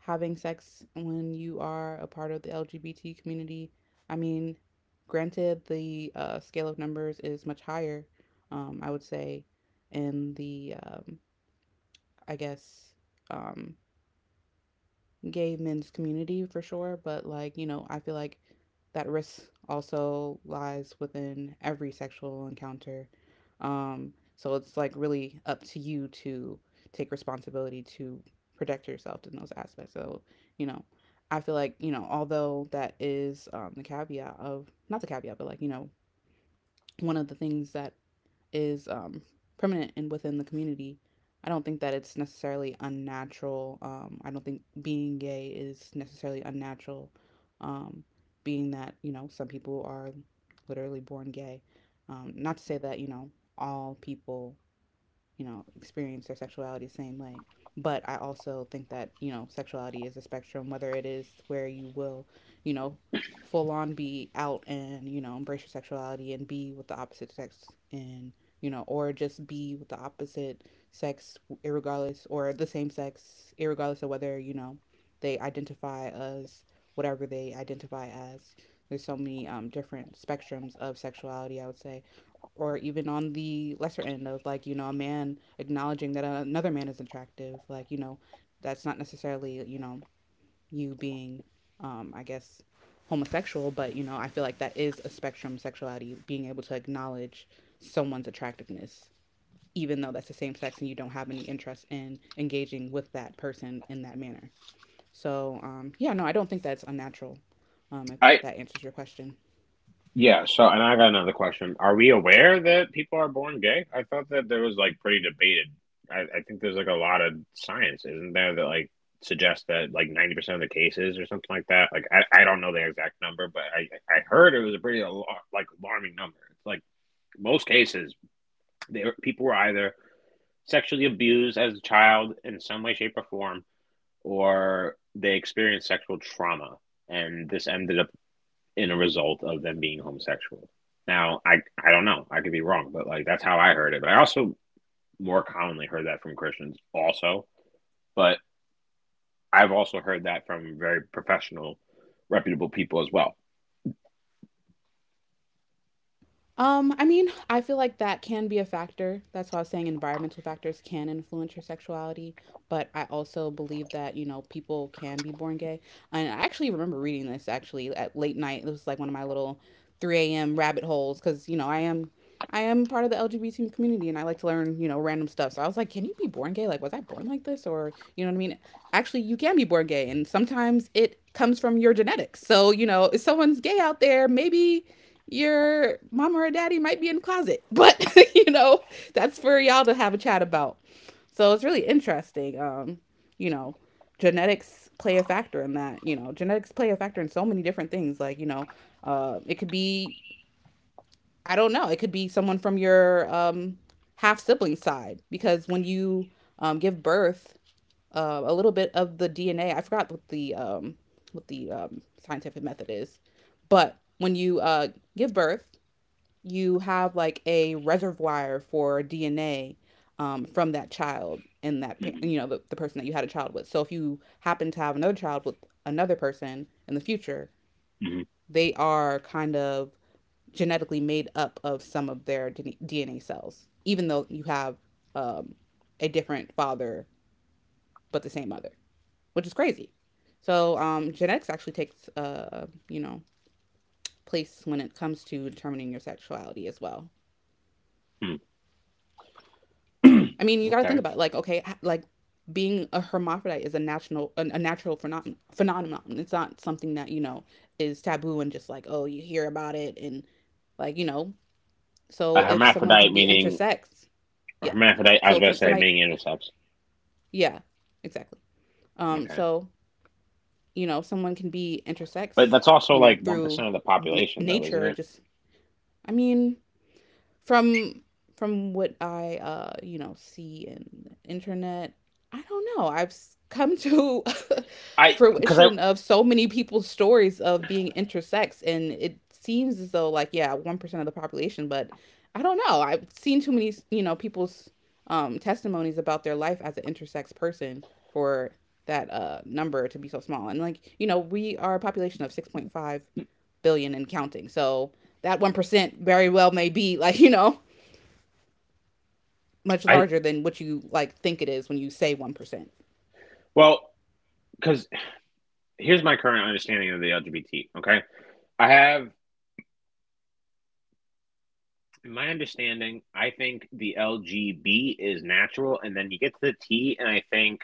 [SPEAKER 1] having sex when you are a part of the LGBT community. I mean, granted, the scale of numbers is much higher. I would say in the I guess um, gay men's community for sure, but like, you know, I feel like that risk also lies within every sexual encounter. So it's like really up to you to take responsibility to protect yourself in those aspects. So, you know, I feel like, you know, although that is the caveat of, not the caveat, but like, you know, one of the things that is permanent and within the community. I don't think that it's necessarily unnatural. I don't think being gay is necessarily unnatural, um, being that, you know, some people are literally born gay. Not to say that, you know, all people you know experience their sexuality the same way. But I also think that, you know, sexuality is a spectrum, whether it is where you will, you know, full on be out and, you know, embrace your sexuality and be with the opposite sex and, you know, or just be with the opposite sex, irregardless, or the same sex, irregardless of whether, you know, they identify as whatever they identify as. There's so many different spectrums of sexuality, I would say, or even on the lesser end of like you know a man acknowledging that another man is attractive, like you know that's not necessarily you know you being I guess homosexual, but you know I feel like that is a spectrum, sexuality being able to acknowledge someone's attractiveness even though that's the same sex and you don't have any interest in engaging with that person in that manner. So yeah, no, I don't think that's unnatural. If
[SPEAKER 2] I,
[SPEAKER 1] that answers your question.
[SPEAKER 2] Yeah, so and I got another question. Are we aware that people are born gay? I thought that there was like pretty debated. I think there's like a lot of science, isn't there, that like suggests that like 90% of the cases or something like that. Like I don't know the exact number, but I heard it was a pretty like alarming number. It's like most cases, they, people were either sexually abused as a child in some way, shape, or form, or they experienced sexual trauma, and this ended up in a result of them being homosexual. Now, I don't know. I could be wrong, but like that's how I heard it. But I also more commonly heard that from Christians also, but I've also heard that from very professional, reputable people as well.
[SPEAKER 1] I mean, I feel like that can be a factor. That's why I was saying environmental factors can influence your sexuality. But I also believe that, you know, people can be born gay. And I actually remember reading this actually at late night. It was like one of my little 3 a.m. rabbit holes because, you know, I am part of the LGBT community and I like to learn, you know, random stuff. So I was like, can you be born gay? Like, was I born like this? Or, you know what I mean? Actually, you can be born gay. And sometimes it comes from your genetics. So, you know, if someone's gay out there, maybe your mama or daddy might be in the closet, but you know, that's for y'all to have a chat about. So it's really interesting. You know, genetics play a factor in that. You know, genetics play a factor in so many different things. Like, you know, it could be, I don't know, it could be someone from your half sibling side, because when you give birth, a little bit of the DNA, I forgot what the what the scientific method is, but when you give birth, you have like a reservoir for DNA from that child and that
[SPEAKER 2] Hmm.
[SPEAKER 1] you know the person that you had a child with. So if you happen to have another child with another person in the future, they are kind of genetically made up of some of their DNA cells, even though you have um, a different father but the same mother, which is crazy. So genetics actually takes you know place when it comes to determining your sexuality as well.
[SPEAKER 2] Hmm.
[SPEAKER 1] I mean, you got to
[SPEAKER 2] Okay.
[SPEAKER 1] think about it, like okay, like being a hermaphrodite is a natural a natural phenomenon. It's not something that you know is taboo and just like oh you hear about it and like you know.
[SPEAKER 2] A
[SPEAKER 1] So if someone can
[SPEAKER 2] hermaphrodite
[SPEAKER 1] be
[SPEAKER 2] meaning
[SPEAKER 1] intersex, yeah.
[SPEAKER 2] hermaphrodite. I was
[SPEAKER 1] So
[SPEAKER 2] about to
[SPEAKER 1] if
[SPEAKER 2] say
[SPEAKER 1] somebody,
[SPEAKER 2] meaning intersex.
[SPEAKER 1] yeah, exactly.
[SPEAKER 2] Okay,
[SPEAKER 1] So you know, someone can be
[SPEAKER 2] but
[SPEAKER 1] intersex,
[SPEAKER 2] that's also
[SPEAKER 1] you know,
[SPEAKER 2] like 1%
[SPEAKER 1] through
[SPEAKER 2] of the population, though, isn't
[SPEAKER 1] nature.
[SPEAKER 2] it?
[SPEAKER 1] Just I mean, From from what I you know, see in the internet, I don't know. Come to
[SPEAKER 2] I because I
[SPEAKER 1] fruition of so many people's stories of being intersex, and it seems as though like yeah, 1% of the population, but I don't know. I've seen too many, you know, people's testimonies about their life as an intersex person for that number to be so small. And like, you know, we are a population of 6.5 billion and counting. So that 1% very well may be like, you know, much
[SPEAKER 2] I
[SPEAKER 1] larger than what you like think it is when you say 1%.
[SPEAKER 2] well because here's my current understanding of the LGBT. Okay, I have In my understanding, I think the LGB is natural, and then you get to the T, and I think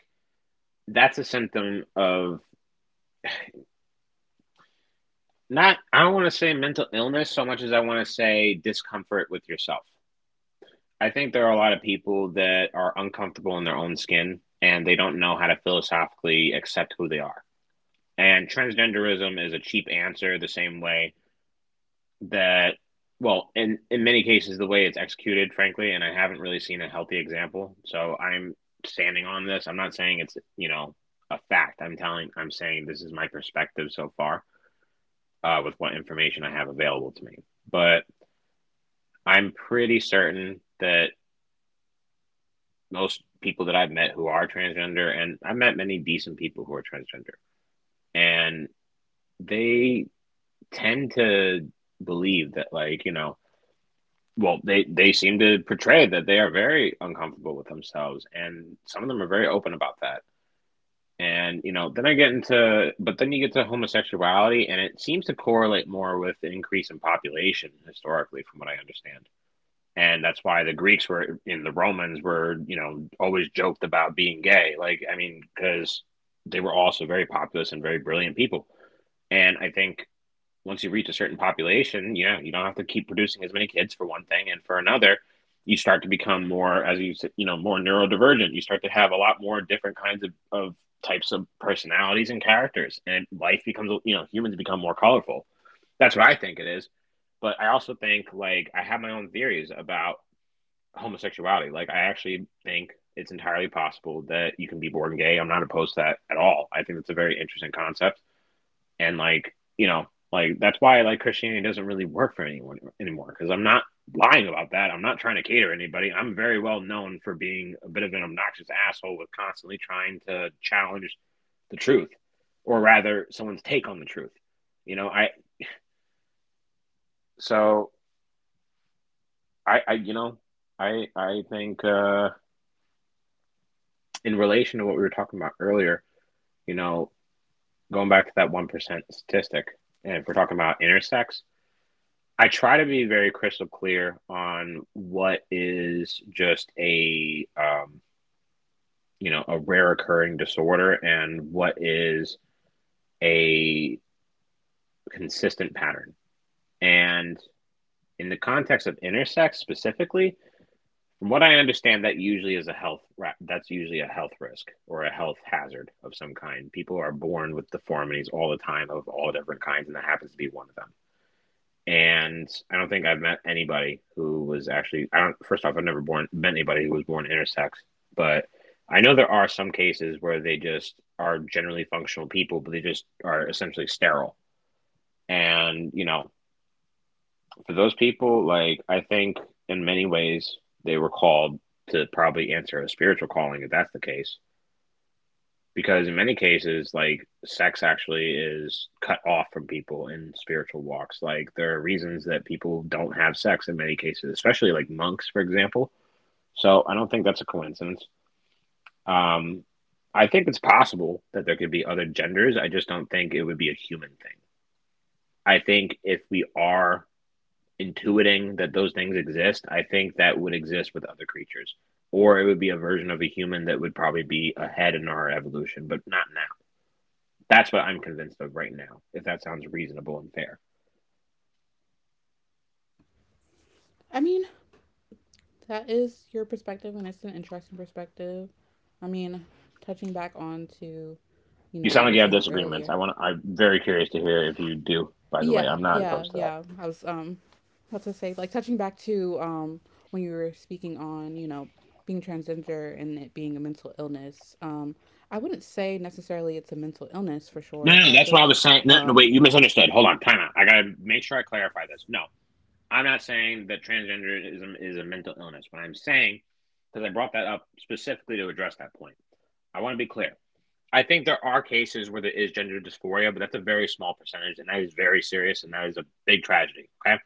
[SPEAKER 2] that's a symptom of not— I don't want to say mental illness so much as I want to say discomfort with yourself. I think there are a lot of people that are uncomfortable in their own skin and they don't know how to philosophically accept who they are. And transgenderism is a cheap answer, the same way that— well, in many cases the way it's executed, frankly, and I haven't really seen a healthy example, so I'm standing on this. I'm not saying it's, you know, a fact. I'm saying this is my perspective so far, with what information I have available to me. But I'm pretty certain that most people that I've met who are transgender, and I've met many decent people who are transgender, and they tend to believe that like you know well, they seem to portray that they are very uncomfortable with themselves, and some of them are very open about that. And you know, then I get into, but then you get to homosexuality, and it seems to correlate more with an increase in population historically, from what I understand. And that's why the Greeks were, and the Romans were, you know, always joked about being gay. Like, I mean, because they were also very populous and very brilliant people. And I think once you reach a certain population, you know, you don't have to keep producing as many kids for one thing, and for another, you start to become more, as you know, more neurodivergent. You start to have a lot more different kinds of types of personalities and characters, and life becomes, you know, humans become more colorful. That's what I think it is. But I also think, like, I have my own theories about homosexuality. Like, I actually think it's entirely possible that you can be born gay. I'm not opposed to that at all. I think it's a very interesting concept. And like, that's why, like, Christianity doesn't really work for anyone anymore. Because I'm not lying about that. I'm not trying to cater to anybody. I'm very well known for being a bit of an obnoxious asshole with constantly trying to challenge the truth, or rather someone's take on the truth. You know I so I you know I think in relation to what we were talking about earlier, you know, going back to that 1% statistic, and if we're talking about intersex, I try to be very crystal clear on what is just a, you know, a rare occurring disorder, and what is a consistent pattern. And in the context of intersex specifically, from what I understand, that usually is a health that's usually a health risk or a health hazard of some kind. People are born with deformities all the time of all different kinds, and that happens to be one of them. And I don't think I've met anybody who was actually— I don't. First off, I've never born met anybody who was born intersex, but I know there are some cases where they just are generally functional people, but they just are essentially sterile. And you know, for those people, like, I think in many ways they were called to probably answer a spiritual calling, if that's the case. Because in many cases, like, sex actually is cut off from people in spiritual walks. Like, there are reasons that people don't have sex in many cases, especially like monks, for example. So I don't think that's a coincidence. um I think it's possible that there could be other genders. I just don't think it would be a human thing. I think if we are intuiting that those things exist, I think that would exist with other creatures, or it would be a version of a human that would probably be ahead in our evolution, but not now. That's what I'm convinced of right now, if that sounds reasonable and fair.
[SPEAKER 1] I mean, that is your perspective and it's an interesting perspective. I mean, touching back on to, you
[SPEAKER 2] You
[SPEAKER 1] know, what
[SPEAKER 2] sound
[SPEAKER 1] you
[SPEAKER 2] like
[SPEAKER 1] were
[SPEAKER 2] you have
[SPEAKER 1] saying
[SPEAKER 2] disagreements.
[SPEAKER 1] earlier.
[SPEAKER 2] I'm very curious to hear if you do, by the way.
[SPEAKER 1] Yeah,
[SPEAKER 2] I'm not
[SPEAKER 1] yeah,
[SPEAKER 2] opposed to that.
[SPEAKER 1] yeah. I was about to say like touching back to when you were speaking on, you know, being transgender and it being a mental illness. I wouldn't say necessarily it's a mental illness for
[SPEAKER 2] No,
[SPEAKER 1] sure.
[SPEAKER 2] no, no,
[SPEAKER 1] I
[SPEAKER 2] that's
[SPEAKER 1] feel
[SPEAKER 2] what I
[SPEAKER 1] like
[SPEAKER 2] was saying. No, no, wait,
[SPEAKER 1] um
[SPEAKER 2] you misunderstood. Hold on, time out. I got to make sure I clarify this. No, I'm not saying that transgenderism is a mental illness. What I'm saying, because I brought that up specifically to address that point, I want to be clear. I think there are cases where there is gender dysphoria, but that's a very small percentage, and that is very serious, and that is a big tragedy. Okay.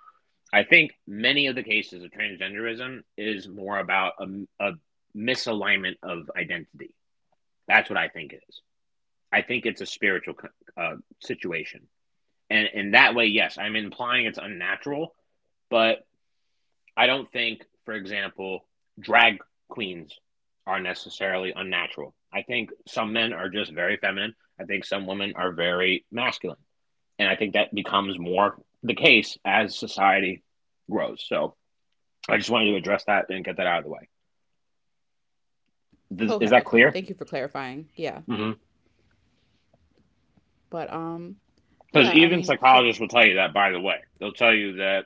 [SPEAKER 2] I think many of the cases of transgenderism is more about a misalignment of identity. That's what I think it is. I think it's a spiritual, uh, situation. And in that way, yes, I'm implying it's unnatural, but I don't think, for example, drag queens are necessarily unnatural. I think some men are just very feminine. I think some women are very masculine. And I think that becomes more the case as society grows. So, I just wanted to address that and get that out of the way. Is
[SPEAKER 1] Okay,
[SPEAKER 2] that
[SPEAKER 1] okay.
[SPEAKER 2] clear?
[SPEAKER 1] Thank you for clarifying. Yeah.
[SPEAKER 2] hmm
[SPEAKER 1] But
[SPEAKER 2] Because
[SPEAKER 1] yeah, I
[SPEAKER 2] even
[SPEAKER 1] mean, so
[SPEAKER 2] psychologists will tell you that, by the way. They'll tell you that,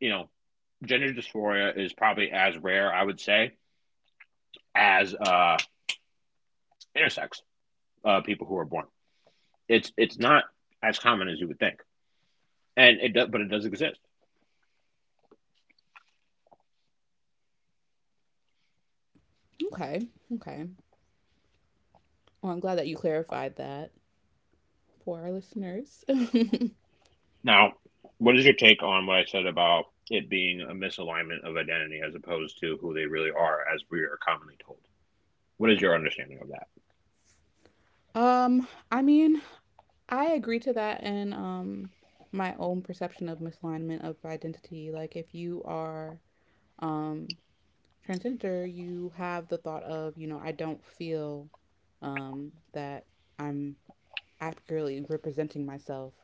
[SPEAKER 2] you know, gender dysphoria is probably as rare, I would say, as intersex people who are born. It's not as common as you would think, and it does exist.
[SPEAKER 1] okay. Okay. Well, I'm glad that you clarified that for our listeners.
[SPEAKER 2] Now, what is your take on what I said about it being a misalignment of identity as opposed to who they really are, as we are commonly told? What is your understanding of that?
[SPEAKER 1] I mean, I agree to that, and my own perception of misalignment of identity, like if you are um transgender, you have the thought of, you know, I don't feel that I'm accurately representing myself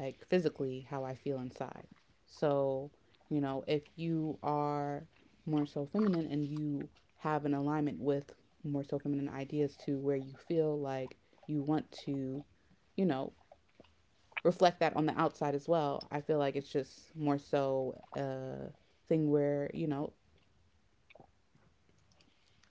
[SPEAKER 1] like physically how I feel inside. So, you know, if you are more so feminine and you have an alignment with more so feminine ideas to where you feel like you want to, you know, reflect that on the outside as well, I feel like it's just more so a thing where, you know,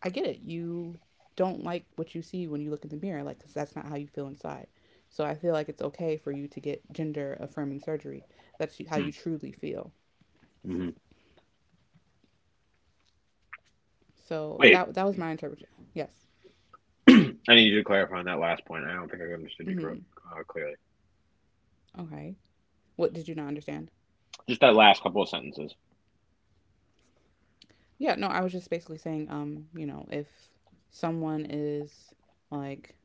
[SPEAKER 1] I get it. You don't like what you see when you look in the mirror, like because that's not how you feel inside. So I feel like it's okay for you to get gender affirming surgery. That's how you truly feel.
[SPEAKER 2] Mm-hmm.
[SPEAKER 1] So
[SPEAKER 2] Wait,
[SPEAKER 1] that that was my interpretation. Yes.
[SPEAKER 2] I need you to clarify on that last point. I don't think I understood you correct—
[SPEAKER 1] Hmm.
[SPEAKER 2] clearly.
[SPEAKER 1] Okay. What did you not understand?
[SPEAKER 2] Just that last couple of sentences.
[SPEAKER 1] Yeah. No, I was just basically saying, you know, if someone is like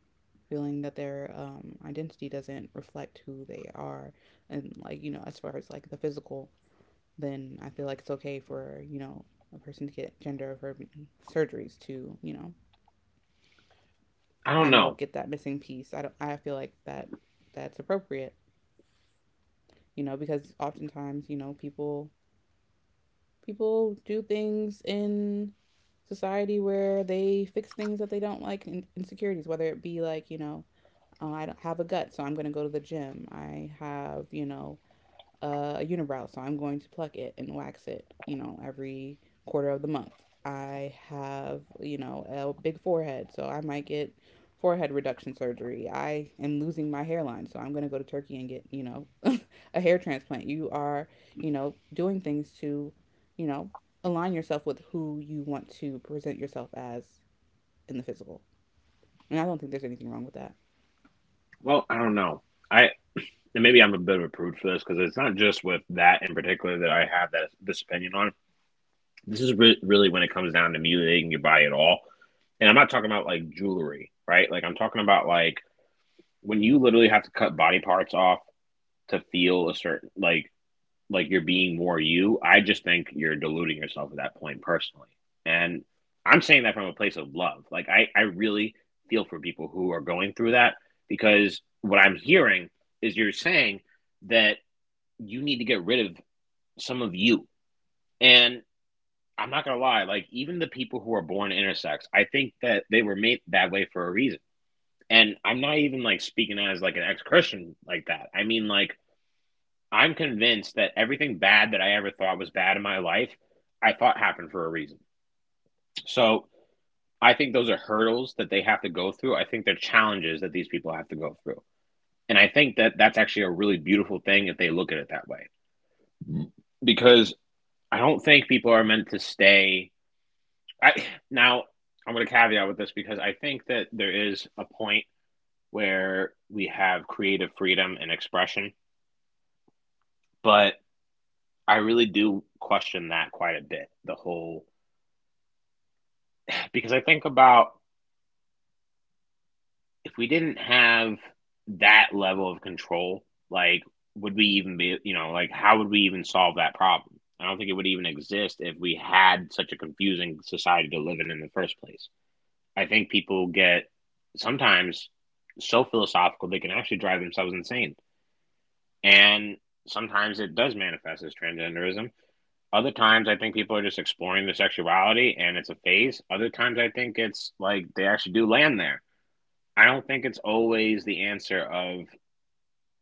[SPEAKER 1] feeling that their identity doesn't reflect who they are, and like you know, as far as like the physical, then I feel like it's okay for you know a person to get gender affirming surgeries to you know
[SPEAKER 2] I don't
[SPEAKER 1] kind of
[SPEAKER 2] know.
[SPEAKER 1] get that missing piece. I don't. I feel like that that's appropriate. You know, because oftentimes you know people do things in society where they fix things that they don't like, insecurities, whether it be like you know I don't have a gut so I'm going to go to the gym, I have you know a unibrow, so I'm going to pluck it and wax it, you know, every quarter of the month. I have, you know, a big forehead, so I might get forehead reduction surgery. I am losing my hairline, so I'm going to go to Turkey and get, you know, a hair transplant. You are, you know, doing things to, you know, align yourself with who you want to present yourself as in the physical. And I don't think there's anything wrong with that.
[SPEAKER 2] Well, I don't know. I and maybe I'm a bit of a prude for this, because it's not just with that in particular that I have that this opinion on. This is really when it comes down to mutilating your body at all. And I'm not talking about like jewelry, right? Like, I'm talking about like when you literally have to cut body parts off to feel a certain like— like you're being more you. I just think you're deluding yourself at that point, personally. And I'm saying that from a place of love. Like I really feel for people who are going through that, because what I'm hearing is you're saying that you need to get rid of some of you. And I'm not gonna lie, like, even the people who are born intersex, I think that they were made that way for a reason. And I'm not even like speaking as like an ex Christian like that. I mean, like, I'm convinced that everything bad that I ever thought was bad in my life, I thought happened for a reason. So I think those are hurdles that they have to go through. I think they're challenges that these people have to go through. And I think that that's actually a really beautiful thing if they look at it that way. Because I don't think people are meant to stay. I, Now, I'm going to caveat with this, because I think that there is a point where we have creative freedom and expression, but I really do question that quite a bit. The whole Because I think about, if we didn't have that level of control, like, would we even be, you know, like, how would we even solve that problem? I don't think it would even exist if we had such a confusing society to live in the first place. I think people get sometimes so philosophical they can actually drive themselves insane. And sometimes it does manifest as transgenderism. Other times I think people are just exploring their sexuality and it's a phase. Other times I think it's like they actually do land there. I don't think it's always the answer of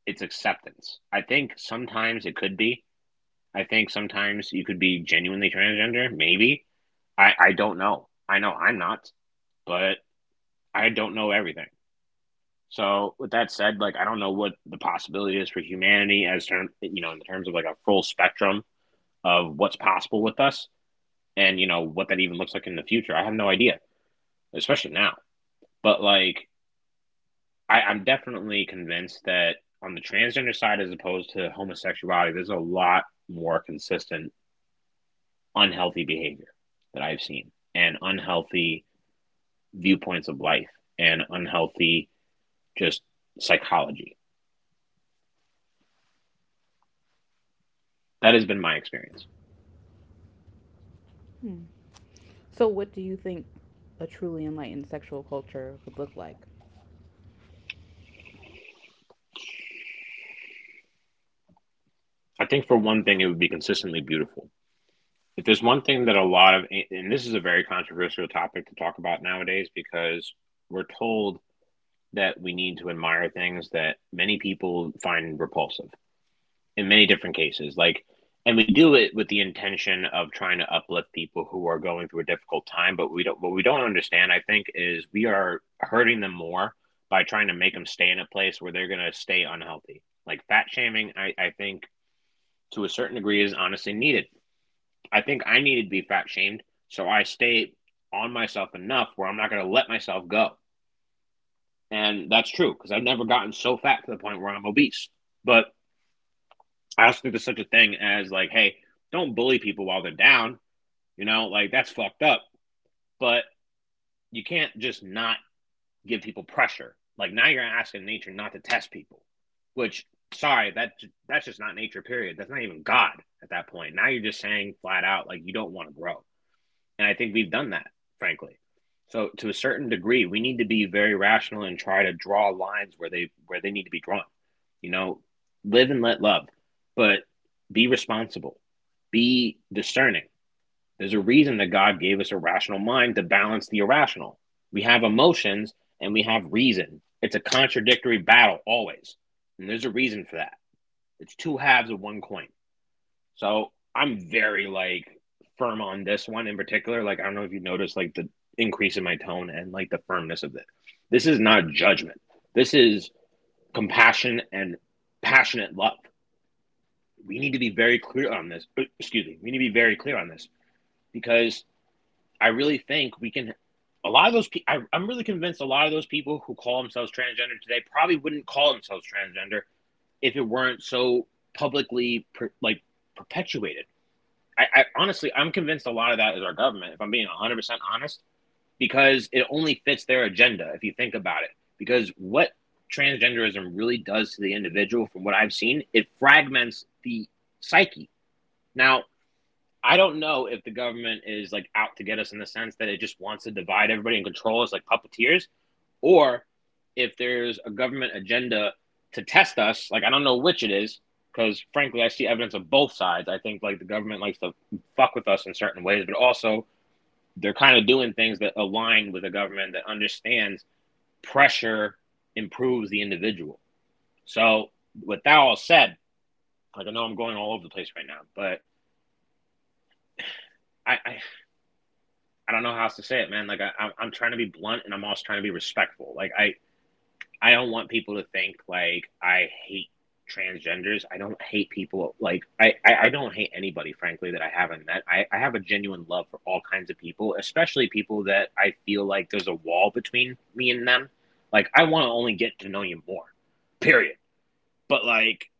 [SPEAKER 2] it's acceptance. I think sometimes it could be. I think sometimes you could be genuinely transgender, maybe. I don't know. I know I'm not, but I don't know everything. So with that said, like, I don't know what the possibility is for humanity as term you know, in terms of like a full spectrum of what's possible with us, and you know, what that even looks like in the future. I have no idea, especially now. But like I'm definitely convinced that on the transgender side, as opposed to homosexuality, there's a lot more consistent unhealthy behavior that I've seen, and unhealthy viewpoints of life, and unhealthy just psychology. That has been my experience.
[SPEAKER 1] So, what do you think a truly enlightened sexual culture would look like?
[SPEAKER 2] I think for one thing, it would be consistently beautiful. If there's one thing that a lot of, and this is a very controversial topic to talk about nowadays because we're told that we need to admire things that many people find repulsive in many different cases. Like, and we do it with the intention of trying to uplift people who are going through a difficult time. But we don't. What we don't understand, I think, is we are hurting them more by trying to make them stay in a place where they're going to stay unhealthy. Like fat shaming, I think to a certain degree is honestly needed. I think I needed to be fat shamed, so I stay on myself enough where I'm not going to let myself go. And that's true because I've never gotten so fat to the point where I'm obese. But I also think there's such a thing as like, hey, don't bully people while they're down. You know, like that's fucked up. But you can't just not give people pressure. Like now you're asking nature not to test people, which sorry, that's just not nature. Period. That's not even God at that point. Now you're just saying flat out like you don't want to grow. And I think we've done that, frankly. So to a certain degree, we need to be very rational and try to draw lines where they need to be drawn. You know, live and let love, but be responsible. Be discerning. There's a reason that God gave us a rational mind to balance the irrational. We have emotions and we have reason. It's a contradictory battle always. And there's a reason for that. It's two halves of one coin. So I'm very like firm on this one in particular. Like I don't know if you noticed like the increase in my tone and like the firmness of it. This is not judgment. This is compassion and passionate love. We need to be very clear on this. Excuse me. We need to be very clear on this because I really think we can. A lot of those people, I'm really convinced a lot of those people who call themselves transgender today probably wouldn't call themselves transgender if it weren't so publicly per, like perpetuated. I honestly, I'm convinced a lot of that is our government, if I'm being 100% honest, because it only fits their agenda, if you think about it. Because what transgenderism really does to the individual, from what I've seen, it fragments the psyche. Now, I don't know if the government is like out to get us in the sense that it just wants to divide everybody and control us like puppeteers, or if there's a government agenda to test us. Like I don't know which it is, because frankly, I see evidence of both sides. I think like the government likes to fuck with us in certain ways, but also they're kind of doing things that align with a government that understands pressure improves the individual. So with that all said, like I know I'm going all over the place right now, but I, I I don't know how else to say it, man. Like I'm trying to be blunt and I'm also trying to be respectful. Like I. I don't want people to think like I hate transgenders. I don't hate people like I don't hate anybody, frankly, that I haven't met. I have a genuine love for all kinds of people, especially people that I feel like there's a wall between me and them. Like I wanna only get to know you more. Period. But like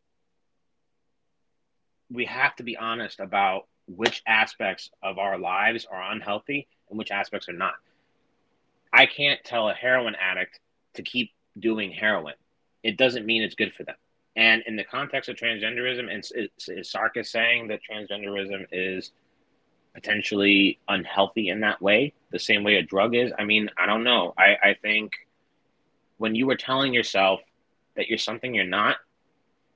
[SPEAKER 2] we have to be honest about which aspects of our lives are unhealthy and which aspects are not. I can't tell a heroin addict to keep doing heroin. It doesn't mean it's good for them. And in the context of transgenderism, and is Sarkis saying that transgenderism is potentially unhealthy in that way, the same way a drug is? I mean, I don't know. I think when you were telling yourself that you're something you're not,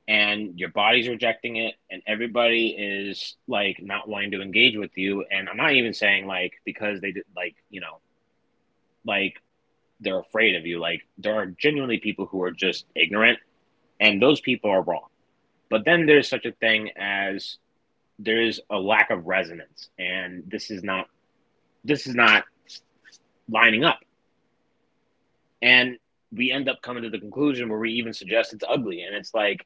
[SPEAKER 2] and your body's rejecting it, and everybody is like not wanting to engage with you, and I'm not even saying like because they did like like they're afraid of you. Like there are genuinely people who are just ignorant, and those people are wrong. But then there's such a thing as there is a lack of resonance, and this is not lining up. And we end up coming to the conclusion where we even suggest it's ugly, and it's like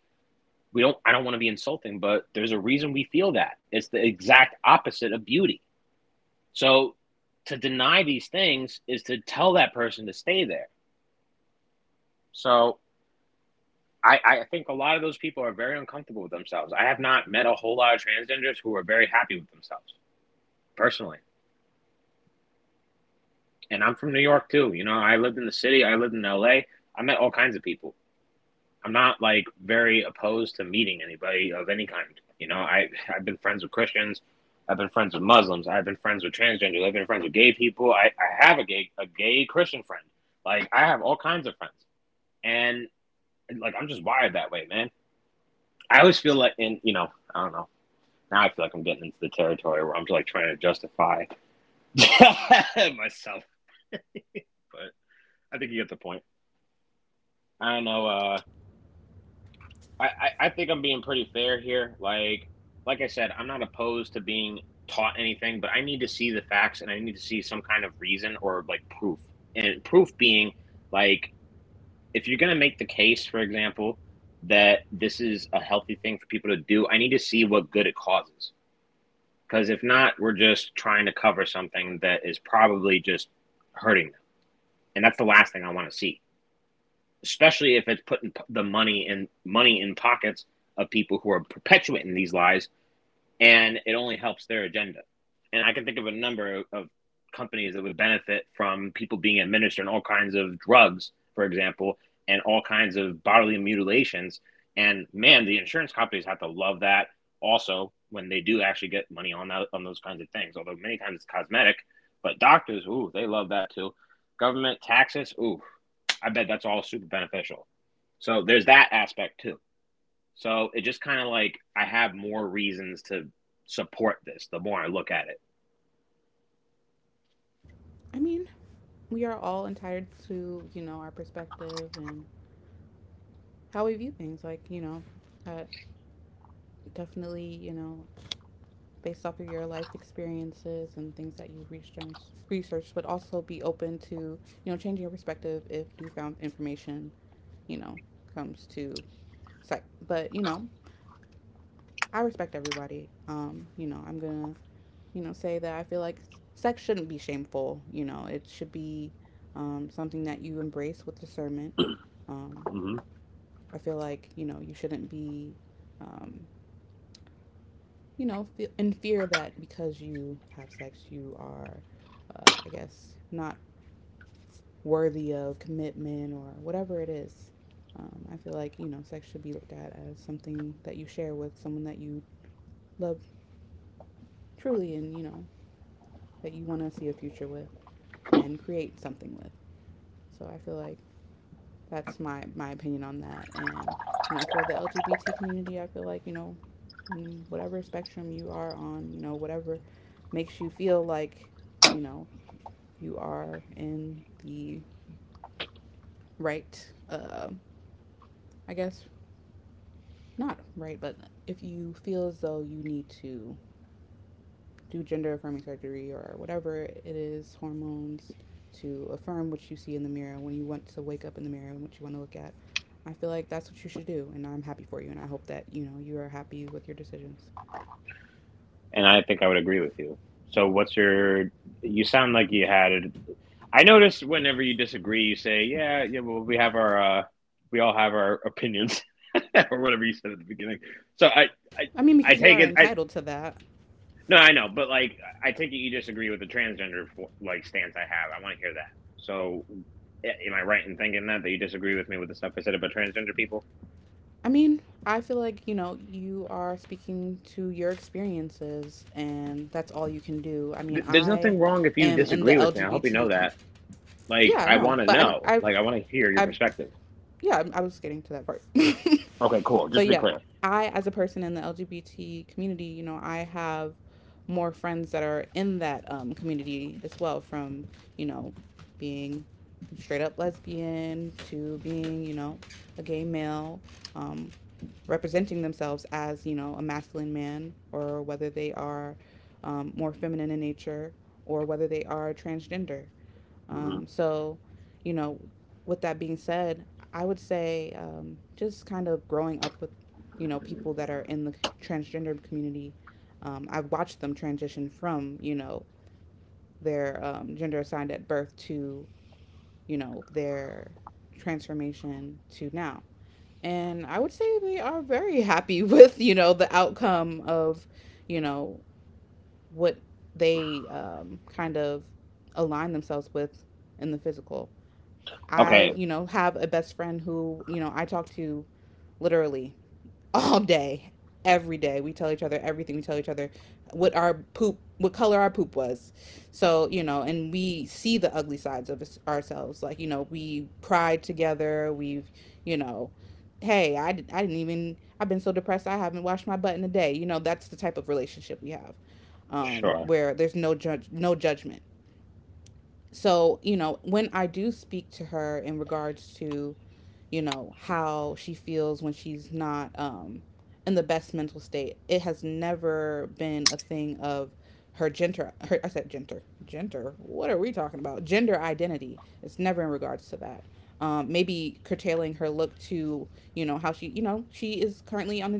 [SPEAKER 2] we don't. I don't want to be insulting, but there's a reason we feel that. It's the exact opposite of beauty. So to deny these things is to tell that person to stay there. So I think a lot of those people are very uncomfortable with themselves. I have not met a whole lot of transgenders who are very happy with themselves, personally. And I'm from New York too. You know, I lived in the city, I lived in LA. I met all kinds of people. I'm not like very opposed to meeting anybody of any kind. You know, I I've been friends with Christians, I've been friends with Muslims, I've been friends with transgenders, I've been friends with gay people. I have a gay Christian friend. Like I have all kinds of friends. And like I'm just wired that way, man. I always feel like in I don't know. Now I feel like I'm getting into the territory where I'm just like trying to justify myself, but I think you get the point. I don't know. I think I'm being pretty fair here. Like I said, I'm not opposed to being taught anything, but I need to see the facts and I need to see some kind of reason or like proof. And proof being like if you're gonna make the case, for example, that this is a healthy thing for people to do, I need to see what good it causes. Because if not, we're just trying to cover something that is probably just hurting them, and that's the last thing I want to see. Especially if it's putting the money in money in pockets of people who are perpetuating these lies and it only helps their agenda. And I can think of a number of companies that would benefit from people being administered all kinds of drugs, for example, and all kinds of bodily mutilations. And man, the insurance companies have to love that also when they do actually get money on those kinds of things. Although many times it's cosmetic, but doctors, ooh, they love that too. Government taxes, ooh, I bet that's all super beneficial. So there's that aspect too. So it just kind of like I have more reasons to support this the more I look at it.
[SPEAKER 1] I mean, we are all entitled to, you know, our perspective and how we view things. Like, you know, uh, definitely, you know, based off of your life experiences and things that you researched, but also be open to, you know, changing your perspective if newfound information, you know, comes to sight. But, you know, I respect everybody. You know, I'm going to, you know, say that I feel like sex shouldn't be shameful. You know, it should be something that you embrace with discernment. Um,
[SPEAKER 2] Hmm.
[SPEAKER 1] I feel like, you know, you shouldn't be, um, you know, in fear that because you have sex, you are, I guess, not worthy of commitment or whatever it is. I feel like, you know, sex should be looked at as something that you share with someone that you love truly and, you know, that you want to see a future with and create something with. So I feel like that's my opinion on that. And, you know, for the LGBT community, I feel like, you know, on whatever spectrum you are on, you know, whatever makes you feel like, you know, you are in the right, I guess, not right, but if you feel as though you need to do gender affirming surgery or whatever it is, hormones, to affirm what you see in the mirror when you want to wake up in the mirror and what you want to look at. I feel like that's what you should do, and I'm happy for you, and I hope that you know you are happy with your decisions.
[SPEAKER 2] And I think I would agree with you. So what's your you sound like you had it. I notice whenever you disagree you say, "Yeah, yeah, well we have our we all have our opinions." or whatever you said at the beginning. So I
[SPEAKER 1] I mean,
[SPEAKER 2] I
[SPEAKER 1] because you
[SPEAKER 2] take
[SPEAKER 1] are
[SPEAKER 2] it I
[SPEAKER 1] entitled to that,
[SPEAKER 2] no, I know, but like I take it you disagree with the transgender like stance I have. I want to hear that. So am I right in thinking that you disagree with me with the stuff I said about transgender people?
[SPEAKER 1] I mean, I feel like, you know, you are speaking to your experiences and that's all you can do. I mean,
[SPEAKER 2] There's
[SPEAKER 1] I
[SPEAKER 2] nothing wrong if you
[SPEAKER 1] am in the
[SPEAKER 2] disagree with me. I
[SPEAKER 1] LGBT
[SPEAKER 2] hope you know
[SPEAKER 1] com-
[SPEAKER 2] that. Like,
[SPEAKER 1] Yeah,
[SPEAKER 2] I
[SPEAKER 1] no.
[SPEAKER 2] want to
[SPEAKER 1] But I'm
[SPEAKER 2] know. Like, I want to hear your
[SPEAKER 1] I
[SPEAKER 2] perspective.
[SPEAKER 1] Yeah, I was getting to that part.
[SPEAKER 2] Okay, cool. Just
[SPEAKER 1] But
[SPEAKER 2] to be
[SPEAKER 1] yeah,
[SPEAKER 2] clear.
[SPEAKER 1] I as a person in the LGBT community, you know, I have more friends that are in that community as well from, you know, being straight up lesbian to being, you know, a gay male, um, representing themselves as, you know, a masculine man or whether they are, more feminine in nature or whether they are transgender.
[SPEAKER 2] Hmm.
[SPEAKER 1] So, you know, with that being said, I would say, just kind of growing up with, you know, people that are in the transgender community, I've watched them transition from, you know, their, gender assigned at birth to, you know, their transformation to now, and I would say they are very happy with, you know, the outcome of, you know, what they, kind of align themselves with in the physical. I,
[SPEAKER 2] Okay.
[SPEAKER 1] you know, have a best friend who, you know, I talk to literally all day, every day. We tell each other everything. We tell each other what our poop, what color our poop was. So, you know, and we see the ugly sides of ourselves. Like, you know, we cried together. We've, you know, hey, I, I didn't even, I've been so depressed, I haven't washed my butt in a day. You know, that's the type of relationship we have,
[SPEAKER 2] Sure.
[SPEAKER 1] where there's no judge, no judgment. So, you know, when I do speak to her in regards to, you know, how she feels when she's not, in the best mental state. It has never been a thing of her gender. Her, I said gender. Gender. What are we talking about? Gender identity. It's never in regards to that. Maybe curtailing her look to, you know, how she, you know, she is currently on the,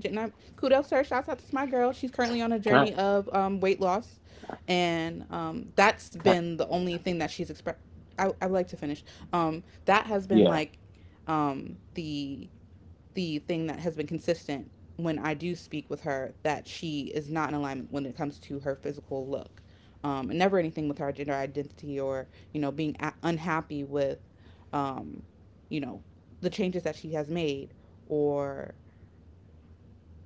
[SPEAKER 1] kudos to her. Shouts out to my girl. She's currently on a
[SPEAKER 2] Can I?
[SPEAKER 1] journey of weight loss, and, that's
[SPEAKER 2] Can I
[SPEAKER 1] been the only thing that she's expressed. I would like to finish. That has been
[SPEAKER 2] yeah.
[SPEAKER 1] like, the thing that has been consistent when I do speak with her that she is not in alignment when it comes to her physical look, and never anything with her gender identity or, you know, being unhappy with, um, you know, the changes that she has made or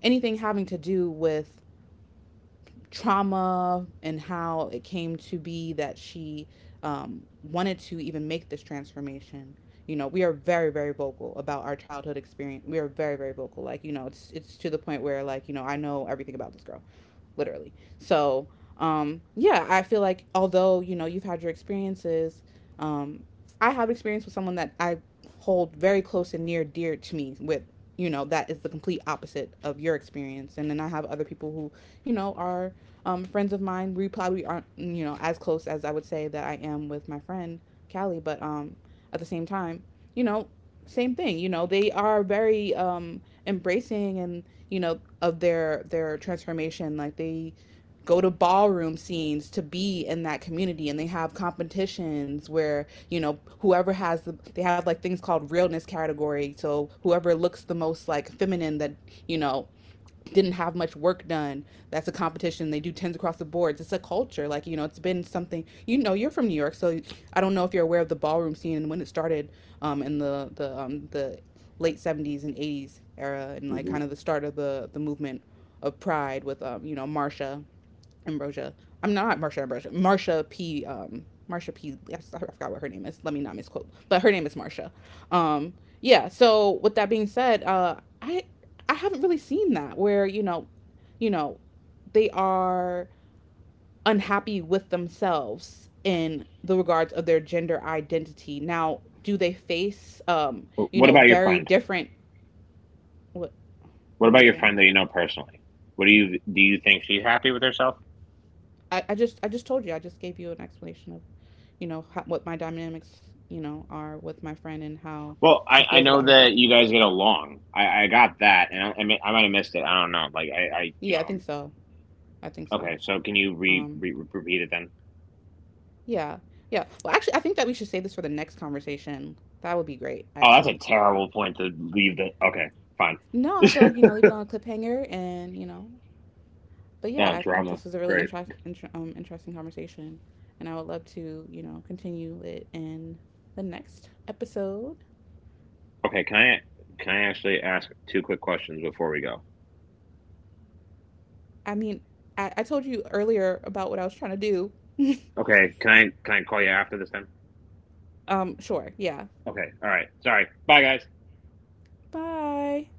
[SPEAKER 1] anything having to do with trauma and how it came to be that she, wanted to even make this transformation. You know, we are very, very vocal about our childhood experience. We are very, very vocal. Like, you know, it's to the point where, like, you know, I know everything about this girl literally. So, yeah, I feel like although, you know, you've had your experiences, um, I have experience with someone that I hold very close and near dear to me with, you know, that is the complete opposite of your experience, and then I have other people who, you know, are, friends of mine. We probably aren't, you know, as close as I would say that I am with my friend Callie, but, at the same time, you know, same thing, you know, they are very, embracing, and, you know, of their transformation. Like, they go to ballroom scenes to be in that community, and they have competitions where, you know, whoever has they have like things called realness category. So whoever looks the most like feminine, that, you know, didn't have much work done. That's a competition. They do tens across the boards. It's a culture. Like, you know, it's been something, you know, you're from New York. So I don't know if you're aware of the ballroom scene and when it started, in the late 70s and 80s era, and like
[SPEAKER 2] Hmm.
[SPEAKER 1] kind of the start of the, movement of pride with, you know, Marsha Ambrosia. I'm not Marsha Ambrosia. Marsha P. Marsha P. Yes, I forgot what her name is. Let me not misquote, but her name is Marsha. Um, yeah. So with that being said, I I haven't really seen that where, you know, they are unhappy with themselves in the regards of their gender identity. Now, do they face, you
[SPEAKER 2] What
[SPEAKER 1] know,
[SPEAKER 2] about your
[SPEAKER 1] very
[SPEAKER 2] friend?
[SPEAKER 1] different. what
[SPEAKER 2] What
[SPEAKER 1] what are you
[SPEAKER 2] about your
[SPEAKER 1] saying?
[SPEAKER 2] friend that you know personally? What do? You think she's happy with herself?
[SPEAKER 1] I just I just told you, I just gave you an explanation of, you know, how, what my dynamics, you know, are with my friend and how
[SPEAKER 2] Well, I,
[SPEAKER 1] she
[SPEAKER 2] I
[SPEAKER 1] feels
[SPEAKER 2] know
[SPEAKER 1] about
[SPEAKER 2] that
[SPEAKER 1] herself.
[SPEAKER 2] you guys get along. I got that, and I might have missed it. I don't know. Like I you
[SPEAKER 1] Yeah,
[SPEAKER 2] know.
[SPEAKER 1] I think
[SPEAKER 2] I'm-
[SPEAKER 1] so. I think so.
[SPEAKER 2] Okay, so can you re,
[SPEAKER 1] Um,
[SPEAKER 2] re repeat it then?
[SPEAKER 1] yeah. Yeah. Well, actually, I think that we should save this for the next conversation. That would be great,
[SPEAKER 2] Oh, that's a
[SPEAKER 1] actually.
[SPEAKER 2] terrible point to leave the. Okay, fine.
[SPEAKER 1] No, I feel like, you know, leave it on a cliffhanger and, you know, but yeah,
[SPEAKER 2] Oh,
[SPEAKER 1] I think
[SPEAKER 2] drama.
[SPEAKER 1] this was a really
[SPEAKER 2] Great.
[SPEAKER 1] interesting conversation. And I would love to, you know, continue it in the next episode.
[SPEAKER 2] Okay, can I actually ask two quick questions before we go?
[SPEAKER 1] I mean, I told you earlier about what I was trying to do.
[SPEAKER 2] Okay, can I call you after this time?
[SPEAKER 1] Sure. Yeah.
[SPEAKER 2] Okay, all right. Sorry. Bye, guys.
[SPEAKER 1] Bye.